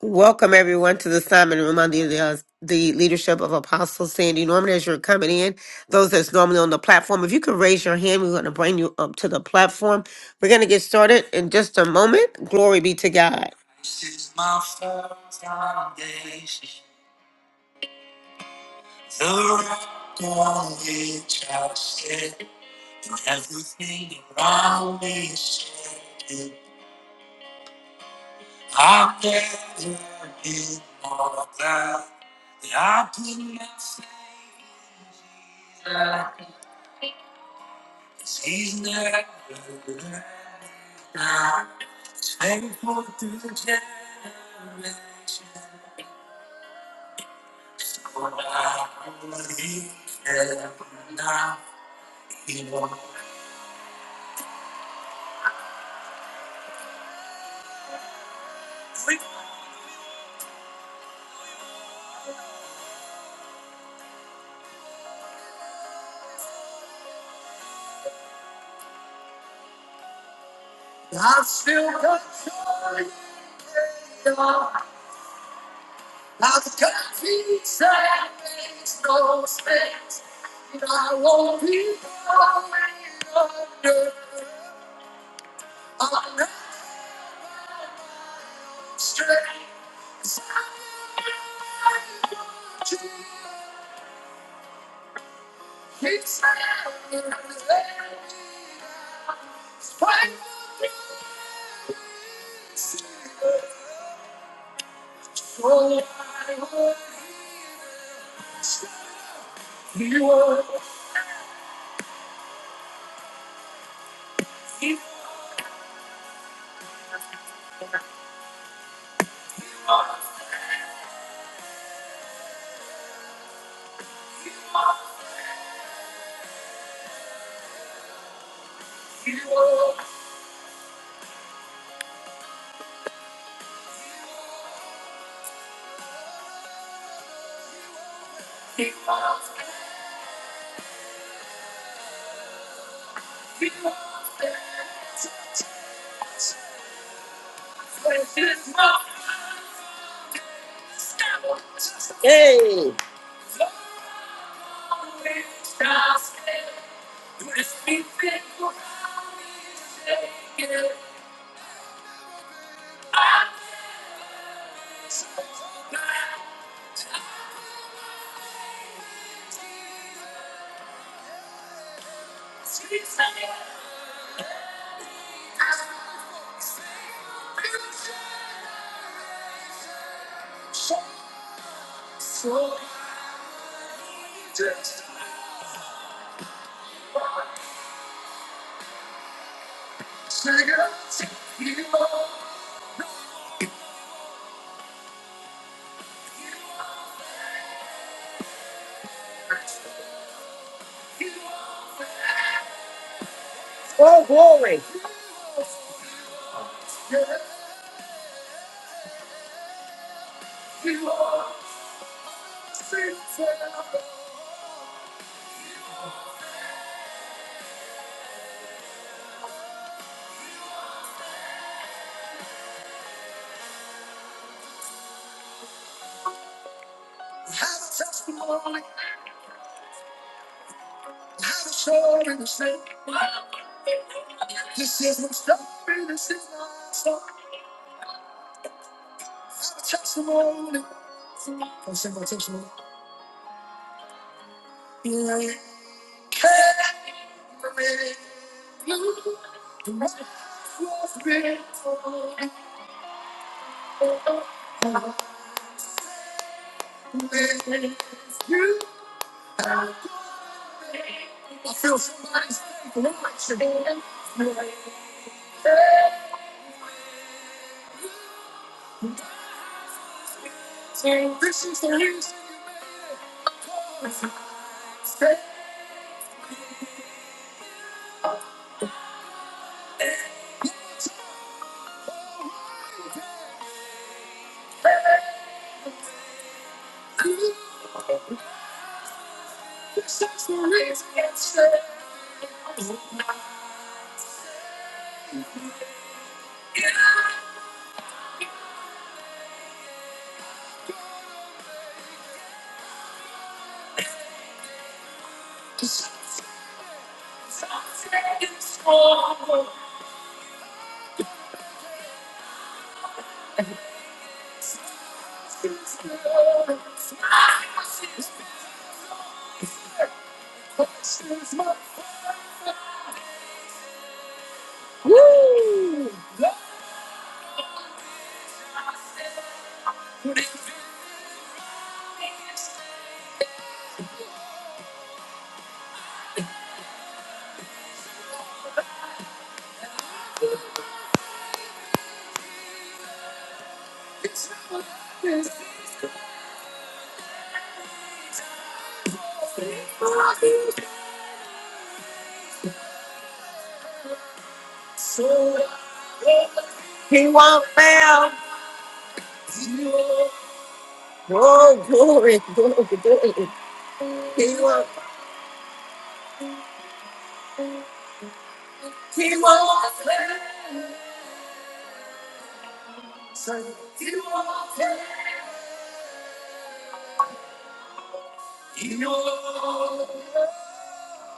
Welcome everyone to the Simon Room under the, uh, the leadership of Apostle Sandy Norman. As you're coming in, those that's normally on the platform, if you could raise your hand, we're going to bring you up to the platform. We're going to get started in just a moment. Glory be to God.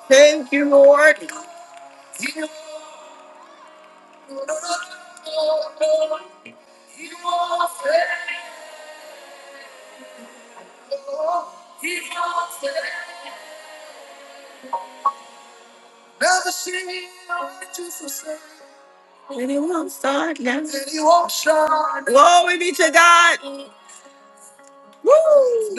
Thank you, Lord. Anyone start now? Anyone start? Glory be to God. Woo!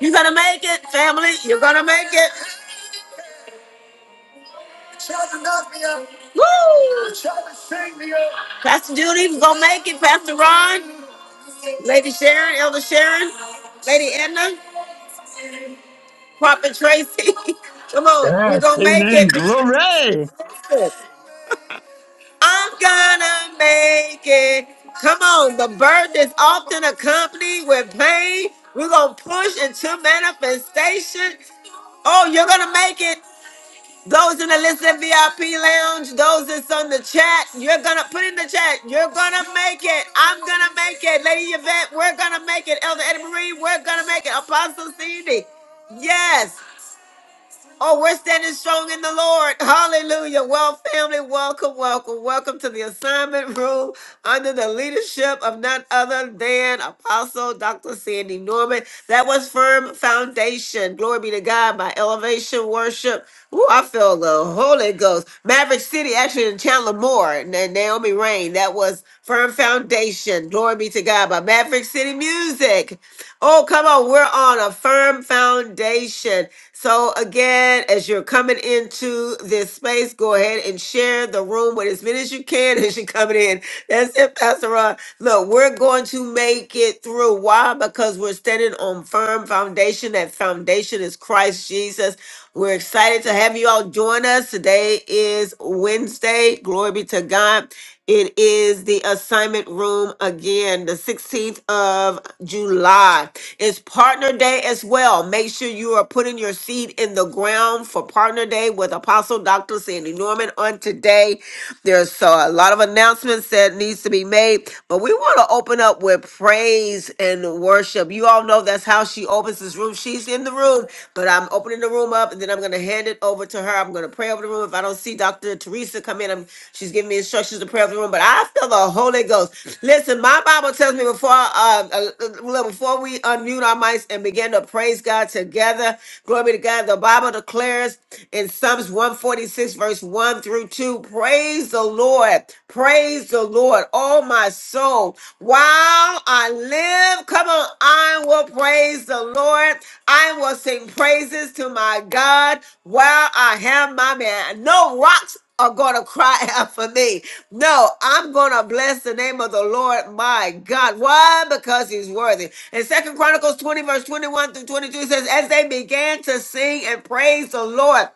You're gonna make it, family. You're gonna make it. Woo! Pastor Judy's gonna make it. Pastor Ron. Lady Sharon, Elder Sharon, Lady Edna, Prophet Tracy. Come on, we're That's gonna Amen. make it. Glory. I'm gonna make it. Come on, the burden is often accompanied with pain. We're gonna push into manifestation. Oh, you're gonna make it. Those in the Listen VIP lounge, those that's on the chat, you're gonna put in the chat. You're gonna make it. I'm gonna make it. Lady Yvette, we're gonna make it. Elder Eddie Marie, we're gonna make it. Apostle Cindy, yes. Oh, we're standing strong in the Lord. Hallelujah. Well, family, welcome, welcome, welcome to the assignment room under the leadership of none other than Apostle Dr. Sandy Norman. That was Firm Foundation. Glory be to God by Elevation Worship. Ooh, I feel the Holy Ghost. Maverick City, actually in Chandler Moore, and then Naomi Rain. That was Firm Foundation. Glory be to God by Maverick City Music. Oh, come on. We're on a firm foundation. So, again, as you're coming into this space, go ahead and share the room with as many as you can as you're coming in. That's it, Pastor Ron. Look, we're going to make it through. Why? Because we're standing on firm foundation. That foundation is Christ Jesus. We're excited to have you all join us. Today is Wednesday. Glory be to God. It is the assignment room again, the 16th of July. It's partner day as well. Make sure you are putting your seed in the ground for partner day with Apostle Dr. Sandy Norman on today. There's uh, a lot of announcements that needs to be made, but we want to open up with praise and worship. You all know that's how she opens this room. She's in the room, but I'm opening the room up and then I'm going to hand it over to her. I'm going to pray over the room. If I don't see Dr. Teresa come in, I'm, she's giving me instructions instructions to pray of the room, but I feel the Holy Ghost. Listen, my Bible tells me before um, uh, uh, well, before we unmute our mics and begin to praise God together, glory be to God. The Bible declares in Psalms 146, verse 1 through 2, praise the Lord, praise the Lord, oh my soul. While I live, come on, I will praise the Lord. I will sing praises to my God while I have my man. No rocks are going to cry out for me. No, I'm going to bless the name of the Lord my God. Why? Because he's worthy. In Second Chronicles 20, verse 21 through 22 says, As they began to sing and praise the Lord,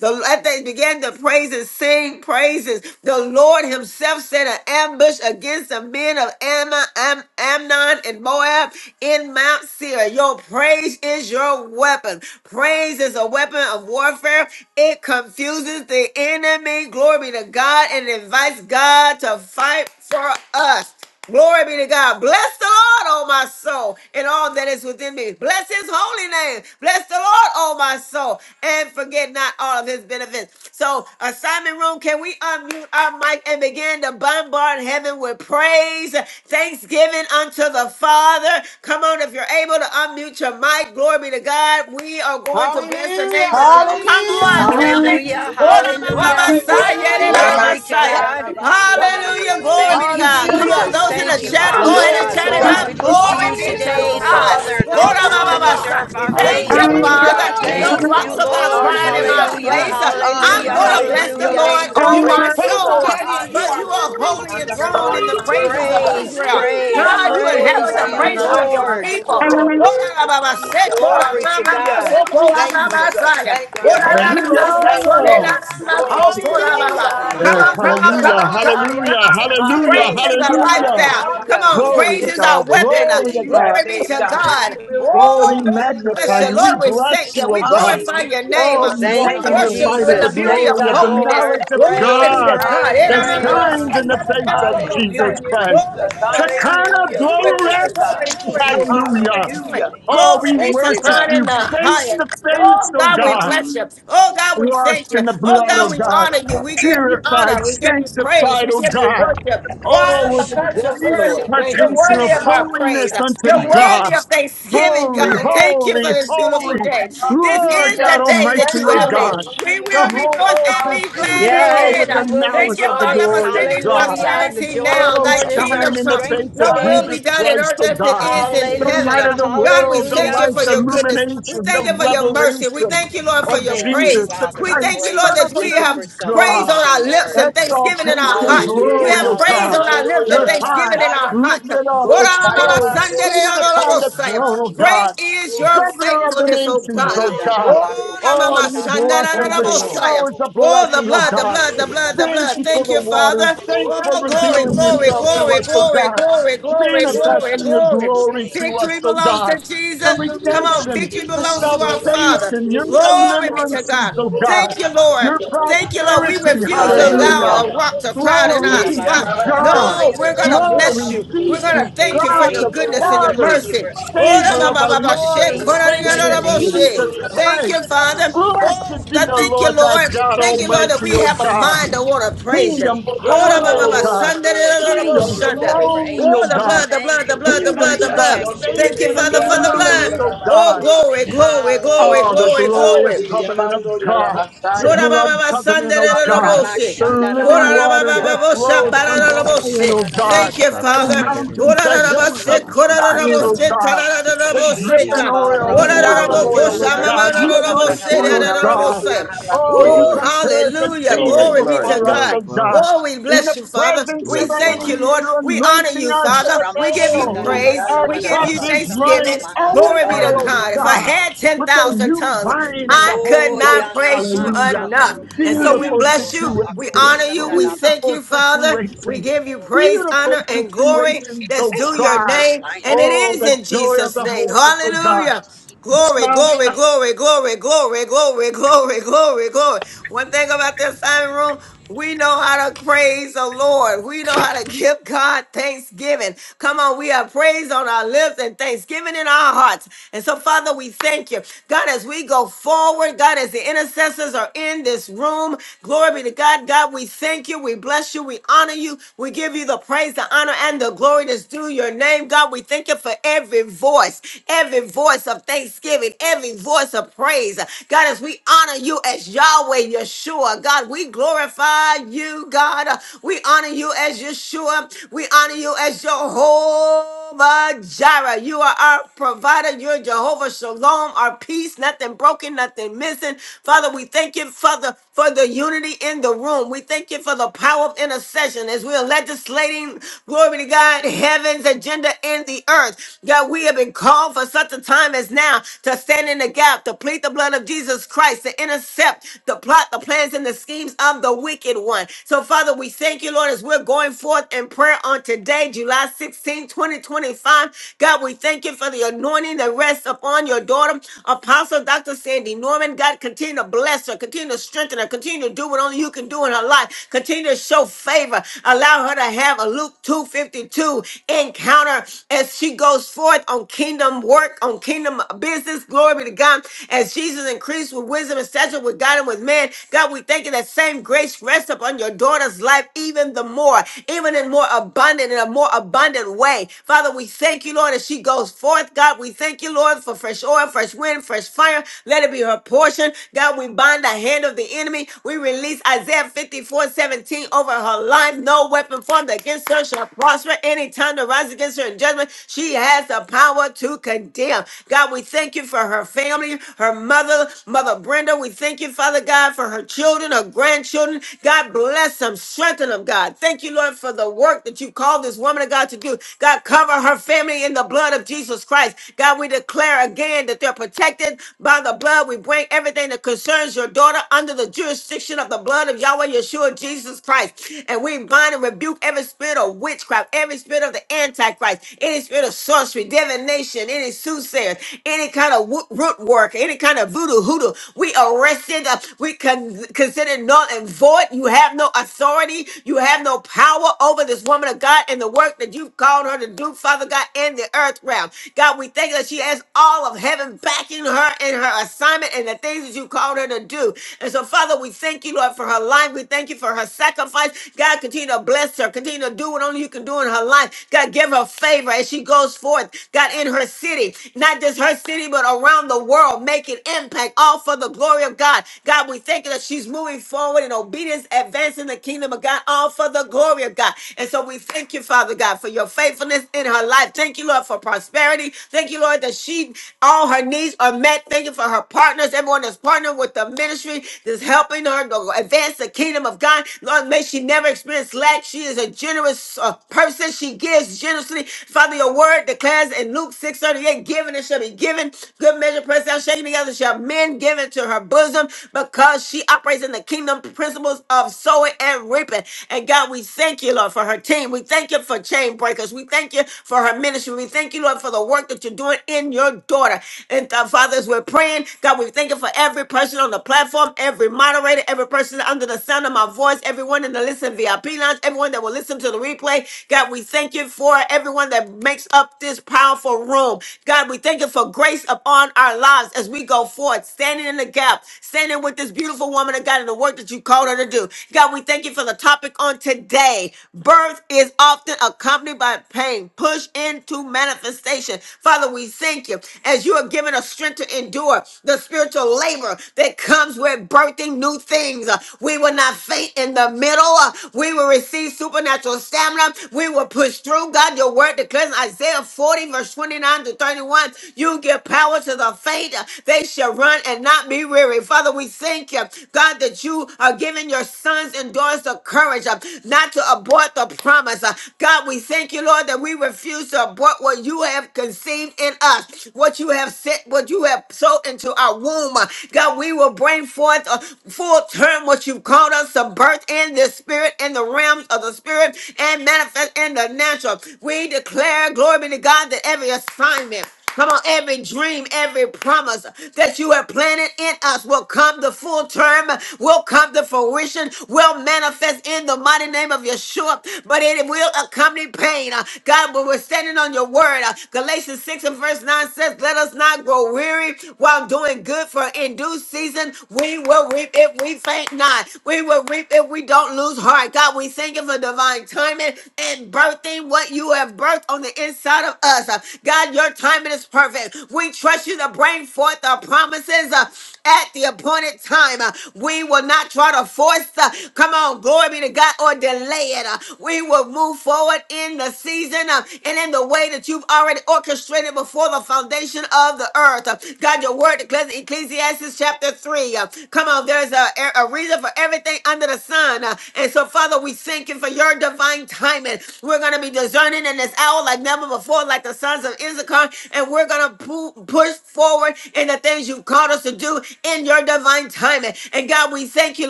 the, as they began to praise and sing praises, the Lord himself set an ambush against the men of Ammon Am- Amnon and Moab in Mount Seir. Your praise is your weapon. Praise is a weapon of warfare. It confuses the enemy enemy. Glory be to God and invites God to fight for us. Glory be to God. Bless the Lord, oh my soul, and all that is within me. Bless his holy name. Bless the Lord, oh my soul, and forget not all of his benefits. So, assignment room, can we unmute our mic and begin to bombard heaven with praise, thanksgiving unto the Father? Come on, if you're able to unmute your mic, glory be to God. We are going to bless the Hallelujah, name of the Lord. Come hallelujah. Hallelujah. on, Hallelujah. family. Glory to God. Hallelujah. Glory, Hallelujah. Glory to Messiah. Thank God. glory. you, Jesus. Hallelujah. Ramasandarabasoyandarabas. Glory be Hallelujah. Thank to you, God. Come Thank on, Hallelujah. you, Jesus. those in the Thank Jesus. you, Hallelujah, chat, go Father ahead Glory and God. chat to hallelujah. it Lord, Hallelujah. God. we up. look to Glory you be Thank Thank to you, you, today, Lord. Hallelujah. God. Lord. Father, the Thank ora author you, Hallelujah. and ba oh finisher God. ba of We We our bless Thank worship your you, faith. and Sandarabas, name, Hallelujah. Father. God. adore We give Thank No you, you Thank you. you, rocks are Father. going to Lord. cry in glory. Yes, my Hallelujah. Hallelujah. sandarabosoyandarabas. Hallelujah. place. yes. We Thank you, honor I'm Hallelujah. you going to Jesus. and bless give the your Hallelujah. name Lord, the Rabasotoriandarabas, oh You are praise, my oh faithful, soul. God. Daddy, robosha. and you But are you Hallelujah. are true. holy enthroned Yandarabas, Lord, in the Hallelujah. you're praises worthy, of sandarabas. God. Praise, Israel. Hey, Hallelujah. praise, God, you Amando inhabit praise to the Thank you, you, praises of your Yarabasaya. Jesus. Lord. Thank you, people. You are Lord. Come Yandarabasoyandarabas. worthy, on, Jesus. Glory to Hallelujah. God. Thank you, Thank you, sir. Jesus. Thank you, Yes, thank Yandaramas, you, Lord. Yes, thank you. Hallelujah. Lord. Glory sandarabas. to your name, Hallelujah. God. come Yes, on, come Yando on, come hallelujah, on, Oyandarabas. Yarabasaya. hallelujah, come on. Thank you, hallelujah, Praise Lord. is a Hallelujah, hallelujah. lifestyle. Rabasandarabas. Come hallelujah. on, Hallelujah. Glory praise to This is our is God. the weapon. day Glory that to you God. have Glory be made, to Yandarabas, God, and we God. will Oh, we rejoice Oh, Lord, and we be bless magnify sandarabas. glad you. you. We Lord, in we it. bless thank you, you. oh We God. glorify your Hallelujah. name. Oh, Thank we you, walk We Thank in you, your Jesus. worship light you of in the the Jesus. Yes, beauty glory of of the God. holiness. knowledge of Glory be Glory. to God God. that Yandarabas, Hallelujah. shines in the yandarabas. face of Jesus Hallelujah, Christ. Glory, Jesus. glory, glory, Shekinah glory, Hallelujah. glory, Glory glory, to glory, God. Thank glory. you, glory, glory, Jesus. glory. Hallelujah. Hallelujah. glory. Oh, we Glory be Thank to you, worship God God. in you the face to highest. face, Oh oh God, we God, bless you. Oh God, we washed thank you. in the Oh blood, God, oh we God, honor you. We give you purified, honor. We give you praise. sanctified, We oh give you God. worship. Why? Oh, with the Because you're Yes, deep Lord. worthy. Shandaramatsaba, Thank You're you, impartation worthy of Jesus. of our holiness praise. unto You're shandaramatsataya. Lord. God. worthy of thanksgiving, Holy, God. Glory to Thank you for your holy, this name, beautiful holy, Father. day. This Lord is the God Hallelujah. day that Almighty, you Thank O you, have made. God. Lord. We Hallelujah, The will whole rejoice Jesus. and earth is be Hallelujah. glad in filled with Glory. the it. Thank knowledge you, of the Father, for glory of sending Hallelujah, oh God. God. prosperity of the now. Oh, Thy Lord is our kingdom shine in the come. face of Your will Jesus be done in Hallelujah. Christ, earth O as Thank it God. is in The Hallelujah. light heaven. of the God, we world, the thank you light, for the your goodness. We illumination, thank the you for your mercy. We revelation thank you, Lord, for of your praise. Jesus, the We thank Christ, you, Son Lord, of that the we have living praise God. on salvation, our lips and thanksgiving in our Exaltation, hearts. Oye, We glory, have O Thank you, praise God. on our Jesus. llamando y Hallelujah. lips and You're high thanksgiving in our arrabasaya, hearts. lifted up, no está extolled, llamando seated y upon arrebe, the throne, O llamando. Great God, is your governor Oye, of the faithfulness, oh nations, O God. llamando Kunda God. y arrebe, Rabaku Oh, you bless us Thank with you, Lord. Sabarabahaya. Oh, showers of Oh, the blessing, O blood, the God. llamando blood, the Hallelujah. blood, the Thank blood. you for Thank the you, waters. Father. Thank you for Oh, y arrabasaya. Oye, glory, llamando revealing glory, yourself y to arrebe, glory, us, O llamando. glory, God. glory, glory, Thank Oye, you, glory, Manifesting Jesus. your llamando glory. y glory to us, Victory O belongs God. to The Jesus. Come on, redemption, victory the belongs to our Father. salvation, your Glory be to deliverances, God. O God. Thank you, Lord. Your arrebe, Thank you, Lord. We prosperity, llamando y refuse to Thank you, hallelujah. allow Hallelujah. Lord. a arrabasaya. rock to crowd in Glory our be Sí, Shataraba to spot. llamabas tú, God. No, Sibarabahaya. we're going to bless Glory llamabas you. be We're going tú. to to God. Shinde Thank you for God your the goodness and your Father, Father, thank you mercy. for Oh, angels Savior da, ba, of ba, around our ba, us ba, she, Lord and today ko, da, da, in da, Thank Savior the da, you, bo, name of she. Jesus Jesus. Thank Jesus. you, Christ. Father. Oh, Blessed be the, the thank you, Lord thy Lord. God Thank you, Lord, that Almighty, we O have a God. mind to want to praise you. Kingdom Oh, ba, power, ba, O ba, Oh God. Sunday, da, da, Lord, da, bo, thank you, Kingdom Sunday. Lord, for glory, O Oh, the God. angels. blood, Yamando the blood, Thank the you for blood, the Kingdom blood, divine the blood. protection. salvation Thank you, and Father, for the deliverance, blood. O Oh, God. glory, glory, glory, Oh, the glory, glory. glorious covenant of Hallelujah. God, the Yarabasaya. Ora baba blood baba covenant, oh sandere God, Orama Hallelujah, roboshe. the shanda Jesus. living raba Ora la saba waters baba raba that Hallelujah. baba sha Thank flows kushamba bara from la you, Zion, roboshe. oh God, Oh, Thank you, the Father. Satana de maya. Disi mountains, Ora the la baba hills of se Sakala kora la Feto Zion, oh Fana. roboshe God, tara la the Sakala roboshe Shita dripping ka. oil, Sakala bara Ora the Thank you, Feto la olive boko Lord. roboshe oil, oh Nadadidi. sha shanda mama Thank you, God, rama the la Father. saba Thank you, roboshe raba anointing, Oh, oh Father. la kanda raba God. Yamando roboshe. kushete Oh, Yarabase. ke. you Woo, Glory, prepared the hallelujah. table glory, Glory be glory, to before us, glory, oh God. God. glory. Oh, we In bless the you, Father. presence We of Yes, our thank Lord. you, enemies, Lord. you're We honor anointing you, our head Father. with Orama We give you oil. shanda Oh, raba Hallelujah. praise. Our Yando samba We give raba cup you is Yarabase. kushanda running thanksgiving. raba Glory be over, to oh God. Hallelujah, If Hallelujah. I God had with the Jesus. 10,000 new tongues, wine of I the Hallelujah. Holy could Ghost. Oya not praise nama you Hallelujah. enough. Hallelujah. shapati And de so we ya Beautiful bless Hallelujah. mora you. We bako situation. Yes, honor you. Lord. We thank Beautiful you, Father. We situation. give you praise, Beautiful honor, and glory. situations, That's oh due your God. name. And it Oh, is the in joy of Jesus' the name. whole earth, oh God. Hallelujah. Glory, Mount glory, Zion. glory, glory, glory, glory, glory, glory, glory. One thing about this assignment room, we know how to praise the Lord. We know how to give God thanksgiving. Come on, we have praise on our lips and thanksgiving in our hearts. And so, Father, we thank you. God, as we go forward, God, as the intercessors are in this room, glory be to God. God, we thank you. We bless you. We honor you. We give you the praise, the honor, and the glory that's due your name. God, we thank you for every voice, every voice of thanksgiving, every voice of praise. God, as we honor you as Yahweh Yeshua, God, we glorify you, God. We honor you as Yeshua. We honor you as Jehovah Jireh. You are our provider. You're Jehovah Shalom, our peace, nothing broken, nothing missing. Father, we thank you, Father, for the unity in the room. We thank you for the power of intercession as we are legislating, glory to God, heaven's agenda and the earth. God, we have been called for such a time as now to stand in the gap, to plead the blood of Jesus Christ, to intercept the plot, the plans, and the schemes of the wicked one. So, Father, we thank you, Lord, as we're going forth in prayer on today, July sixteenth, 2025. God, we thank you for the anointing that rests upon your daughter, Apostle Dr. Sandy Norman. God, continue to bless her, continue to strengthen her, continue to do what only you can do in her life, continue to show favor, allow her to have a Luke 252 encounter around her as she goes forth on kingdom work, on kingdom business. Glory be to God. As Jesus increased with wisdom and stature with God and with man, God, we thank you that same grace rests upon your daughter's life even the more, even in more abundant, in a more abundant way. Father, we thank you, Lord, as she goes forth. God, we thank you, Lord, for fresh oil, fresh wind, fresh fire. Let it be her portion. God, we bind the hand of the enemy. We release Isaiah 54 17 over her life. No weapon formed against her shall prosper any tongue to rise against her in judgment, she has the power to condemn. God, we thank you for her family, her mother, Mother Brenda. We thank you, Father God, for her children, her grandchildren. God, bless them, strengthen them, God. Thank you, Lord, for the work that you called this woman of God to do. God, cover her family in the blood of Jesus Christ. God, we declare again that they're protected by the blood. We bring everything that concerns your daughter under the jurisdiction of the blood of Yahweh Yeshua Jesus Christ. And we bind and rebuke every spirit of witchcraft, every spirit of the antichrist, any spirit of sorcery, divination, any soothsayers, any kind of wo- root work, any kind of voodoo hoodoo. We arrested, uh, we con- consider null and void. You have no authority, you have no power over this woman of God and the work that you've called her to do, Father God, in the earth realm. God, we thank you that she has all of heaven backing her in her assignment and the things that you called her to do. And so, Father, we thank you, Lord, for her life. We thank you for her sacrifice. God, God, continue to bless her. Continue to do what only you can do in her life. God, give her favor as she goes forth. God, in her city, not just her city, but around the world, making impact, all for the glory of God. God, we thank you that she's moving forward in obedience, advancing the kingdom of God, all for the glory of God. And so we thank you, Father God, for your faithfulness in her life. Thank you, Lord, for prosperity. Thank you, Lord, that she, all her needs are met. Thank you for her partners, everyone that's partnered with the ministry that's helping her to advance the kingdom of God. Lord, may she never experience lack. She is a generous uh, person. She gives generously. Father, your word declares in Luke six thirty eight, given it shall be given. Good measure, pressed down, shaken together, shall men give it to her bosom because she operates in the kingdom principles of sowing and reaping. And God, we thank you, Lord, for her team. We thank you for chain breakers. We thank you for her ministry. We thank you, Lord, for the work that you're doing in your daughter. And uh, Father, as we're praying, God, we thank you for every person on the platform, every moderator, every person under the sound of my voice, everyone in the Listen VIP lounge, everyone that will listen to the replay. God, we thank you for everyone that makes up this powerful room. God, we thank you for grace upon our lives as we go forward, standing in the gap, standing with this beautiful woman of God in the work that you called her to do. God, we thank you for the topic on today. Birth is often accompanied by pain. Push into manifestation. Father, we thank you as you are giving us strength to endure the spiritual labor that comes with birthing expecting new things. Uh, We will not faint in the middle. Uh, We will receive supernatural stamina. We will push through. God, your word declares in Isaiah 40, verse 29 to 31. You give power to the faint. Uh, They shall run and not be weary. Father, we thank you, God, that you are giving your sons and daughters the courage uh, not to abort the promise. Uh, God, we thank you, Lord, that we refuse to abort what you have conceived in us, what you have sent, what you have sowed into our womb. Uh, God, we you will bring forth a full term what you've called us to birth in the spirit, in the realms of the spirit, and manifest in the natural. We declare, glory be to God, that every assignment, Come on, every dream, every promise that you have planted in us will come to full term, will come to fruition, will manifest in the mighty name of Yeshua, but it will accompany pain. Uh, God, when we're standing on your word, uh, Galatians 6 and verse 9 says, Let us not grow weary while doing good and good for in due season. We will reap if we faint not. We will reap if we don't lose heart. God, we thank you for divine timing and birthing what you have birthed on the inside of us. Uh, God, your timing is perfect. We trust you to bring forth the promises uh, at the appointed time. Uh, We will not try to force the, come on, glory be to God, or delay it. Uh, We will move forward in the season uh, and in the way that you've already orchestrated before the foundation of the earth. God, your word declares in Ecclesiastes chapter 3. uh, Come on, there's a, a reason for everything under the sun. uh, And so, Father, we thank you for your divine timing. We're going to be discerning in this hour like never before, like the sons of Issachar, and we're going to pu- push forward in the things you've called us to do in your divine timing. And God, we thank you,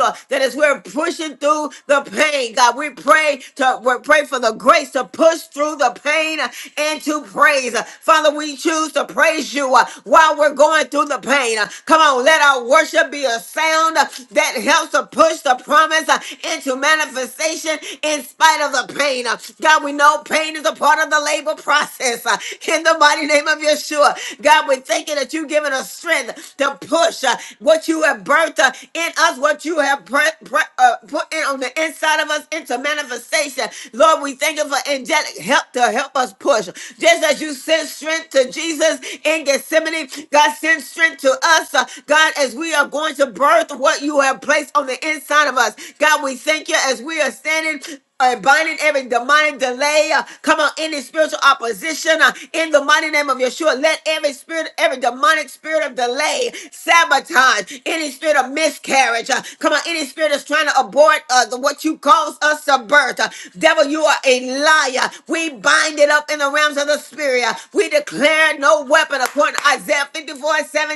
Lord, that as we're pushing through the pain, God, we pray to we pray for the grace to push through the pain uh, and to praise. Father, we choose to praise praise you uh, while we're going through the pain. Uh, Come on, let our worship be a sound uh, that helps to push the promise uh, into manifestation in spite of the pain. Uh, God, we know pain is a part of the labor process. uh, In the mighty name of Yeshua, God, we're thanking that you've given us strength to push uh, what you have birthed uh, in us, what you have pre- pre- uh, put in on the inside of us into manifestation. Lord, we thank you for angelic help to help us push. Just as you sent strength to Jesus in Gethsemane. God, send strength to us, uh, God, as we are going to birth what you have placed on the inside of us. God, we thank you as we are standing uh, binding every demonic delay. uh, come on, any spiritual opposition uh, in the mighty name of Yeshua. Let every spirit, every demonic spirit of delay, sabotage, any spirit of miscarriage. uh, come on, any spirit that's trying to abort uh, the, what you caused us to birth. uh, devil, you are a liar. We bind it up in the realm realms of the spirit. Uh, We declare no weapon according to Isaiah 54 17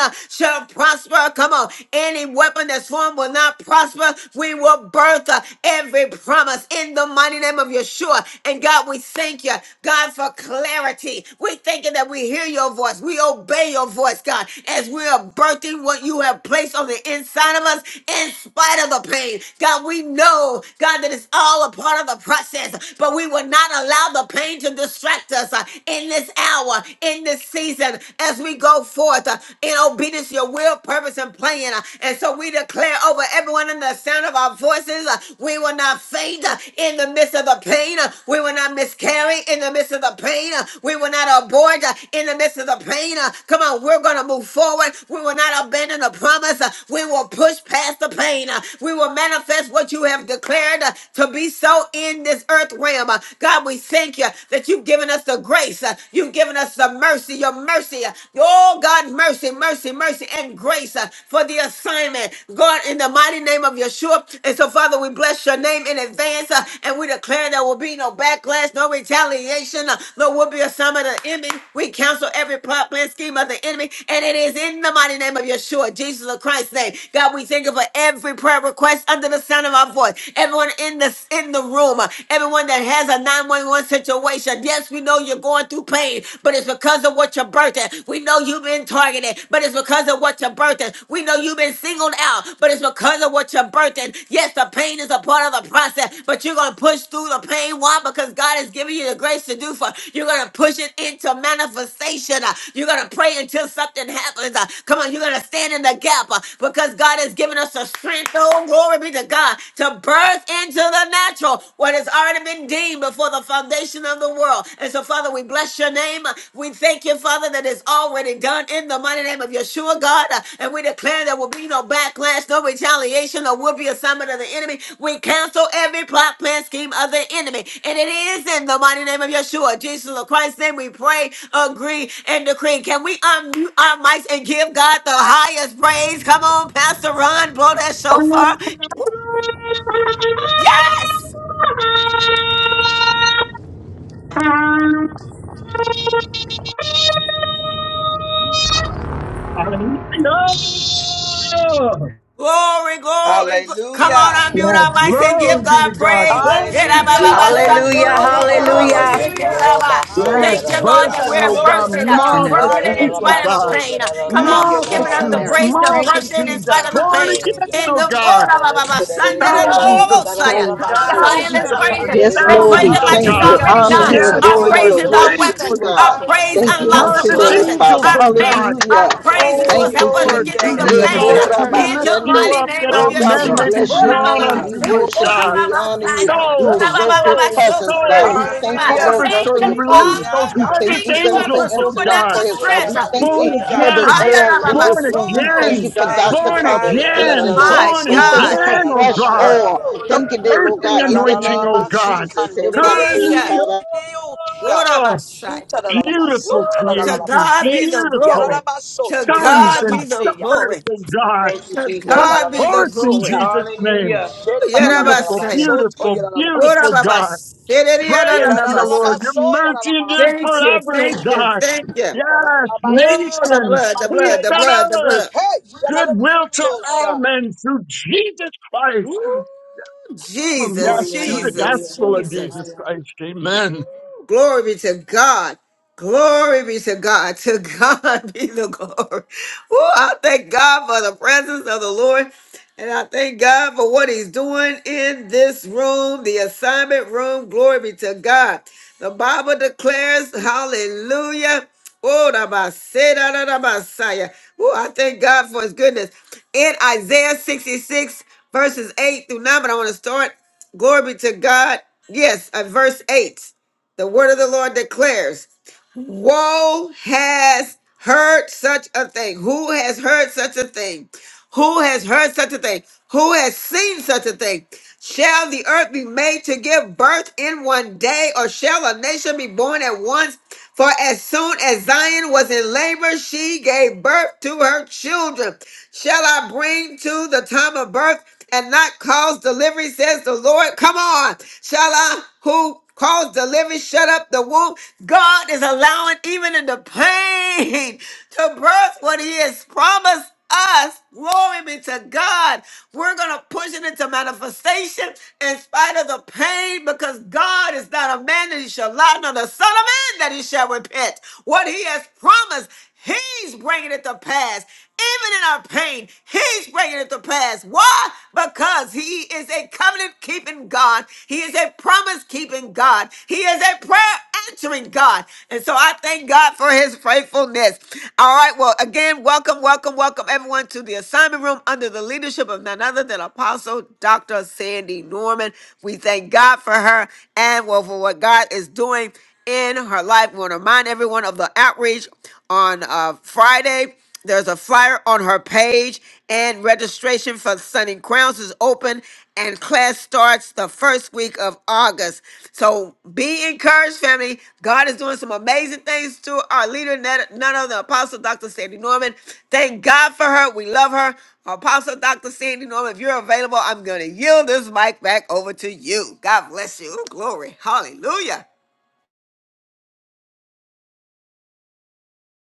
uh, shall prosper. Come on. Any weapon that's formed will not prosper. We will birth uh, every promise in the mighty name of Yeshua. And God, we thank you, God, for clarity. We're thanking that we hear your voice. We obey your voice, God, as we are birthing what you have placed on the inside of us in spite of the pain. God, we know, God, that it's all a part of the process, but we will not allow allow the pain to distract us uh, in this hour, in this season, as we go forth uh, in obedience to your will, purpose, and plan. uh, And so we declare over everyone in the sound of our voices, uh, we will not faint uh, in the midst of the pain. uh, We will not miscarry in the midst of the pain. uh, We will not abort uh, in the midst of the pain. uh, Come on, we're going to move forward. We will not abandon the promise. uh, We will push past the pain. uh, We will manifest what you have declared uh, to be so in this earth earth realm. Uh, God, we thank you that you've given us the grace. Uh, You've given us the mercy, your mercy. Uh, Oh, God, mercy, mercy, mercy, and grace uh, for the assignment. God, in the mighty name of Yeshua. And so, Father, we bless your name in advance uh, and we declare there will be no backlash, no retaliation, uh, no will be a summon of the enemy. We cancel every plot, plan, scheme of the enemy. And it is in the mighty name of Yeshua, Jesus of Christ's name. God, we thank you for every prayer request under the sound of our voice. Everyone in this in the room, uh, everyone that has a 911 situation. Yes, we know you're going through pain, but it's because of what you're birthing. We know you've been targeted, but it's because of what you're birthing. We know you've been singled out, but it's because of what you're birthing. Yes, the pain is a part of the process, but you're going to push through the pain. Why? Because God has given you the grace to do for. You're going to push it into manifestation. uh, You're going to pray until something happens. uh, Come on, you're going to stand in the gap uh, because God has given us the strength. Oh, glory be to God to birth birth into the natural, what has already been deemed before the foundation of the world. And so, Father, we bless your name. We thank you, Father, that it's already done in the mighty name of Yeshua, God. And we declare there will be no backlash, no retaliation, or will be assignment of the enemy. We cancel every plot, plan, scheme of the enemy. And it is in the mighty name of Yeshua, Jesus of Christ's name, we pray, agree, and decree. Can we unmute our mics and give God the highest praise? Come on, Pastor Ron, blow that shofar. Yes! Hallelujah. Glory, glory. gl- Come on, Hallelujah. unmute Yes, our mics and glory give be God to God. praise. Thank you, Hallelujah. Hallelujah. Thank Hallelujah. you, Hallelujah, Lord. Jesus. Hallelujah. Hallelujah. Yerabababasandorobobobobosekeraba. Yarabaso, Yes, Thank Thank you, you, hallelujah. Lord, Hallelujah. that Jesus. we're bursting, oh Yarabasaya. God, Glory to birthing, uh, Hallelujah. Turn God. in. birthing it in Oh, multitudes, oh Hallelujah. spite of the Yarabaso, God, pain. Uh, Come on, Thank thank you, you, who's Yarabasi, giving us Lord. the multitudes, grace to Tarabaso. Thank you, birth it in multitudes, spite Jesus. of the born pain? again, Hallelujah. In oh the God, Hallelujah. Mm. thousands of Orabababasandorobobosaya. Yes, souls, Come on, Kudarabaso. God, we Zion, thousands let's bless Hallelujah. your praise Yarabaso. upon it. name, Yes, Let's Father. Lord, we praise thousands, him oh like it's thank you, God. Yarabaso. Hallelujah. already honor done. Thank you, Yes, you, We Our give adore Lord. you Lord, you, praise is and our glory, worship thanks weapon. you, for Jesus. those Our God. praise Hallelujah. Thank you unlocks on Glory the to harvest today, God. confidence. Father. angels, Our oh pain, God. our Hallelujah. Thank you. praise is Thank Oh what Thank you. you, help us Thank to Thank you. Lord, get you. we through Jesus. Have Thank the you, you Eh, ever pain. been exalt to Jesus. kora you. her We In lift house? the you bashende. mighty up name that of Oh all God, men we Yeshua. may be Beautiful. bless your Ora ba drawn ba name. ba unto Jesus. We you, se, O worship ora you. God. ba We ba honor Turn you. it saya. off. We Ora Soul, ba ba provoke ba your ba soul, presence so, presence, ora God. de soul. We ba ba thank ba. you, Hallelujah. Lord God, Thank Harvester, for you, your Ramasandarabase, Thank release presence. you, Father. those We Jesus. thank harvest Toriandarabase. Thank you, you, God, Lord, Glory. for for angels, O answering our God. supernatural prayers, Glory, God. strength. We Thank Abba, you, thank Woo! glory, you Born Abba. for Jesus. the again, Aya Hallelujah. ra oil ba in ba born this room. We so. thank Yes, again, you for Thank God. Dr. you, Yes, born Apostle Lord, Father. Sandy, again, Abba. Lord. My born We Shandarabaso. thank you God. for again, O fresh Messiah. Glory, God. Hallelujah. Abba. oil. Yarabaso. Woo! Glory, The Thank you, dear Lord God, birthing in the anointing, name O of Yorarararabasi God. Jesus. everybody, pour it Jesus. out. kandererererereosha. Ora Hallelujah. ba saya. Shutarararabas- Beautiful Woo! To creation, God be sotarararabase. the beautiful glory. Yararabaso To sons God be and the toyarararabaseya. daughters glory. of God. Thank you, To Come Jesus. God be the forth in glory. Shararararabasuta. Jesus' name. Hallelujah. Woo! Beautiful, Yerabasaya. Shetararararabaso beautiful, beautiful toyarararabasuta. God. Gorababas. Praise you, the Lord. Sereriyararabasaya. Your Yerarararabaso mercy endures Thank yararararabaseya. you, forever, oh thank you, God. thank you. Yes, Yararararabasu Oh, the nations, blood, the peace blood, the tarararabaseya. on blood, the earth, blood. Hey, goodwill to yararararabasha. all men through Jesus Christ. Woo! Oh, yes, Jesus, Gloria, through the man. Gloria, Jesus, gospel of Jesus, Jesus Ramasaya. Christ. Amen. Glory be to God. Glory be to God. To God be the glory. Oh, I thank God for the presence of the Lord. And I thank God for what he's doing in this room, the assignment room. Glory be to God. The Bible declares, hallelujah. Oh, da ba se da da da ba sa ya. Oh, I thank God for his goodness. In Isaiah 66, verses 8 through 9, but I want to start. Glory be to God. Yes, at verse 8. The word of the Lord declares, Woe has heard such a thing. Who has heard such a thing? Who has heard such a thing? Who has seen such a thing? Shall the earth be made to give birth in one day, or shall a nation be born at once? For as soon as Zion was in labor, she gave birth to her children. Shall I bring to the time of birth and not cause delivery, says the Lord? Come on. Shall I, who cause delivery, shut up the womb? God is allowing, even in the pain, to birth what He has promised us. Glory be to God. We're going to push it into manifestation in spite of the pain because God is not a man that he shall lie, nor the son of man that he shall repent. What he has promised, he's bringing it to pass. Even in our pain, he's bringing it to pass. Why? Because he is a covenant keeping God. He is a promise keeping God. He is a prayer answering God. And so I thank God for his faithfulness. All right. Well, again, welcome, welcome welcome, welcome everyone to the assignment room under the leadership of none other than Apostle Dr. Sandy Norman. We thank God for her and well for what God is doing in her life. We want to remind everyone of the outreach on uh, Friday. There's a flyer on her page, and registration for Sunning Crowns is open, and class starts the first week of August. So be encouraged, family. God is doing some amazing things through our leader, none none other than Apostle Dr. Sandy Norman. Thank God for her. We love her. Apostle Dr. Sandy Norman, if you're available, I'm going to yield this mic back over to you. God bless you. Ooh, glory. Hallelujah.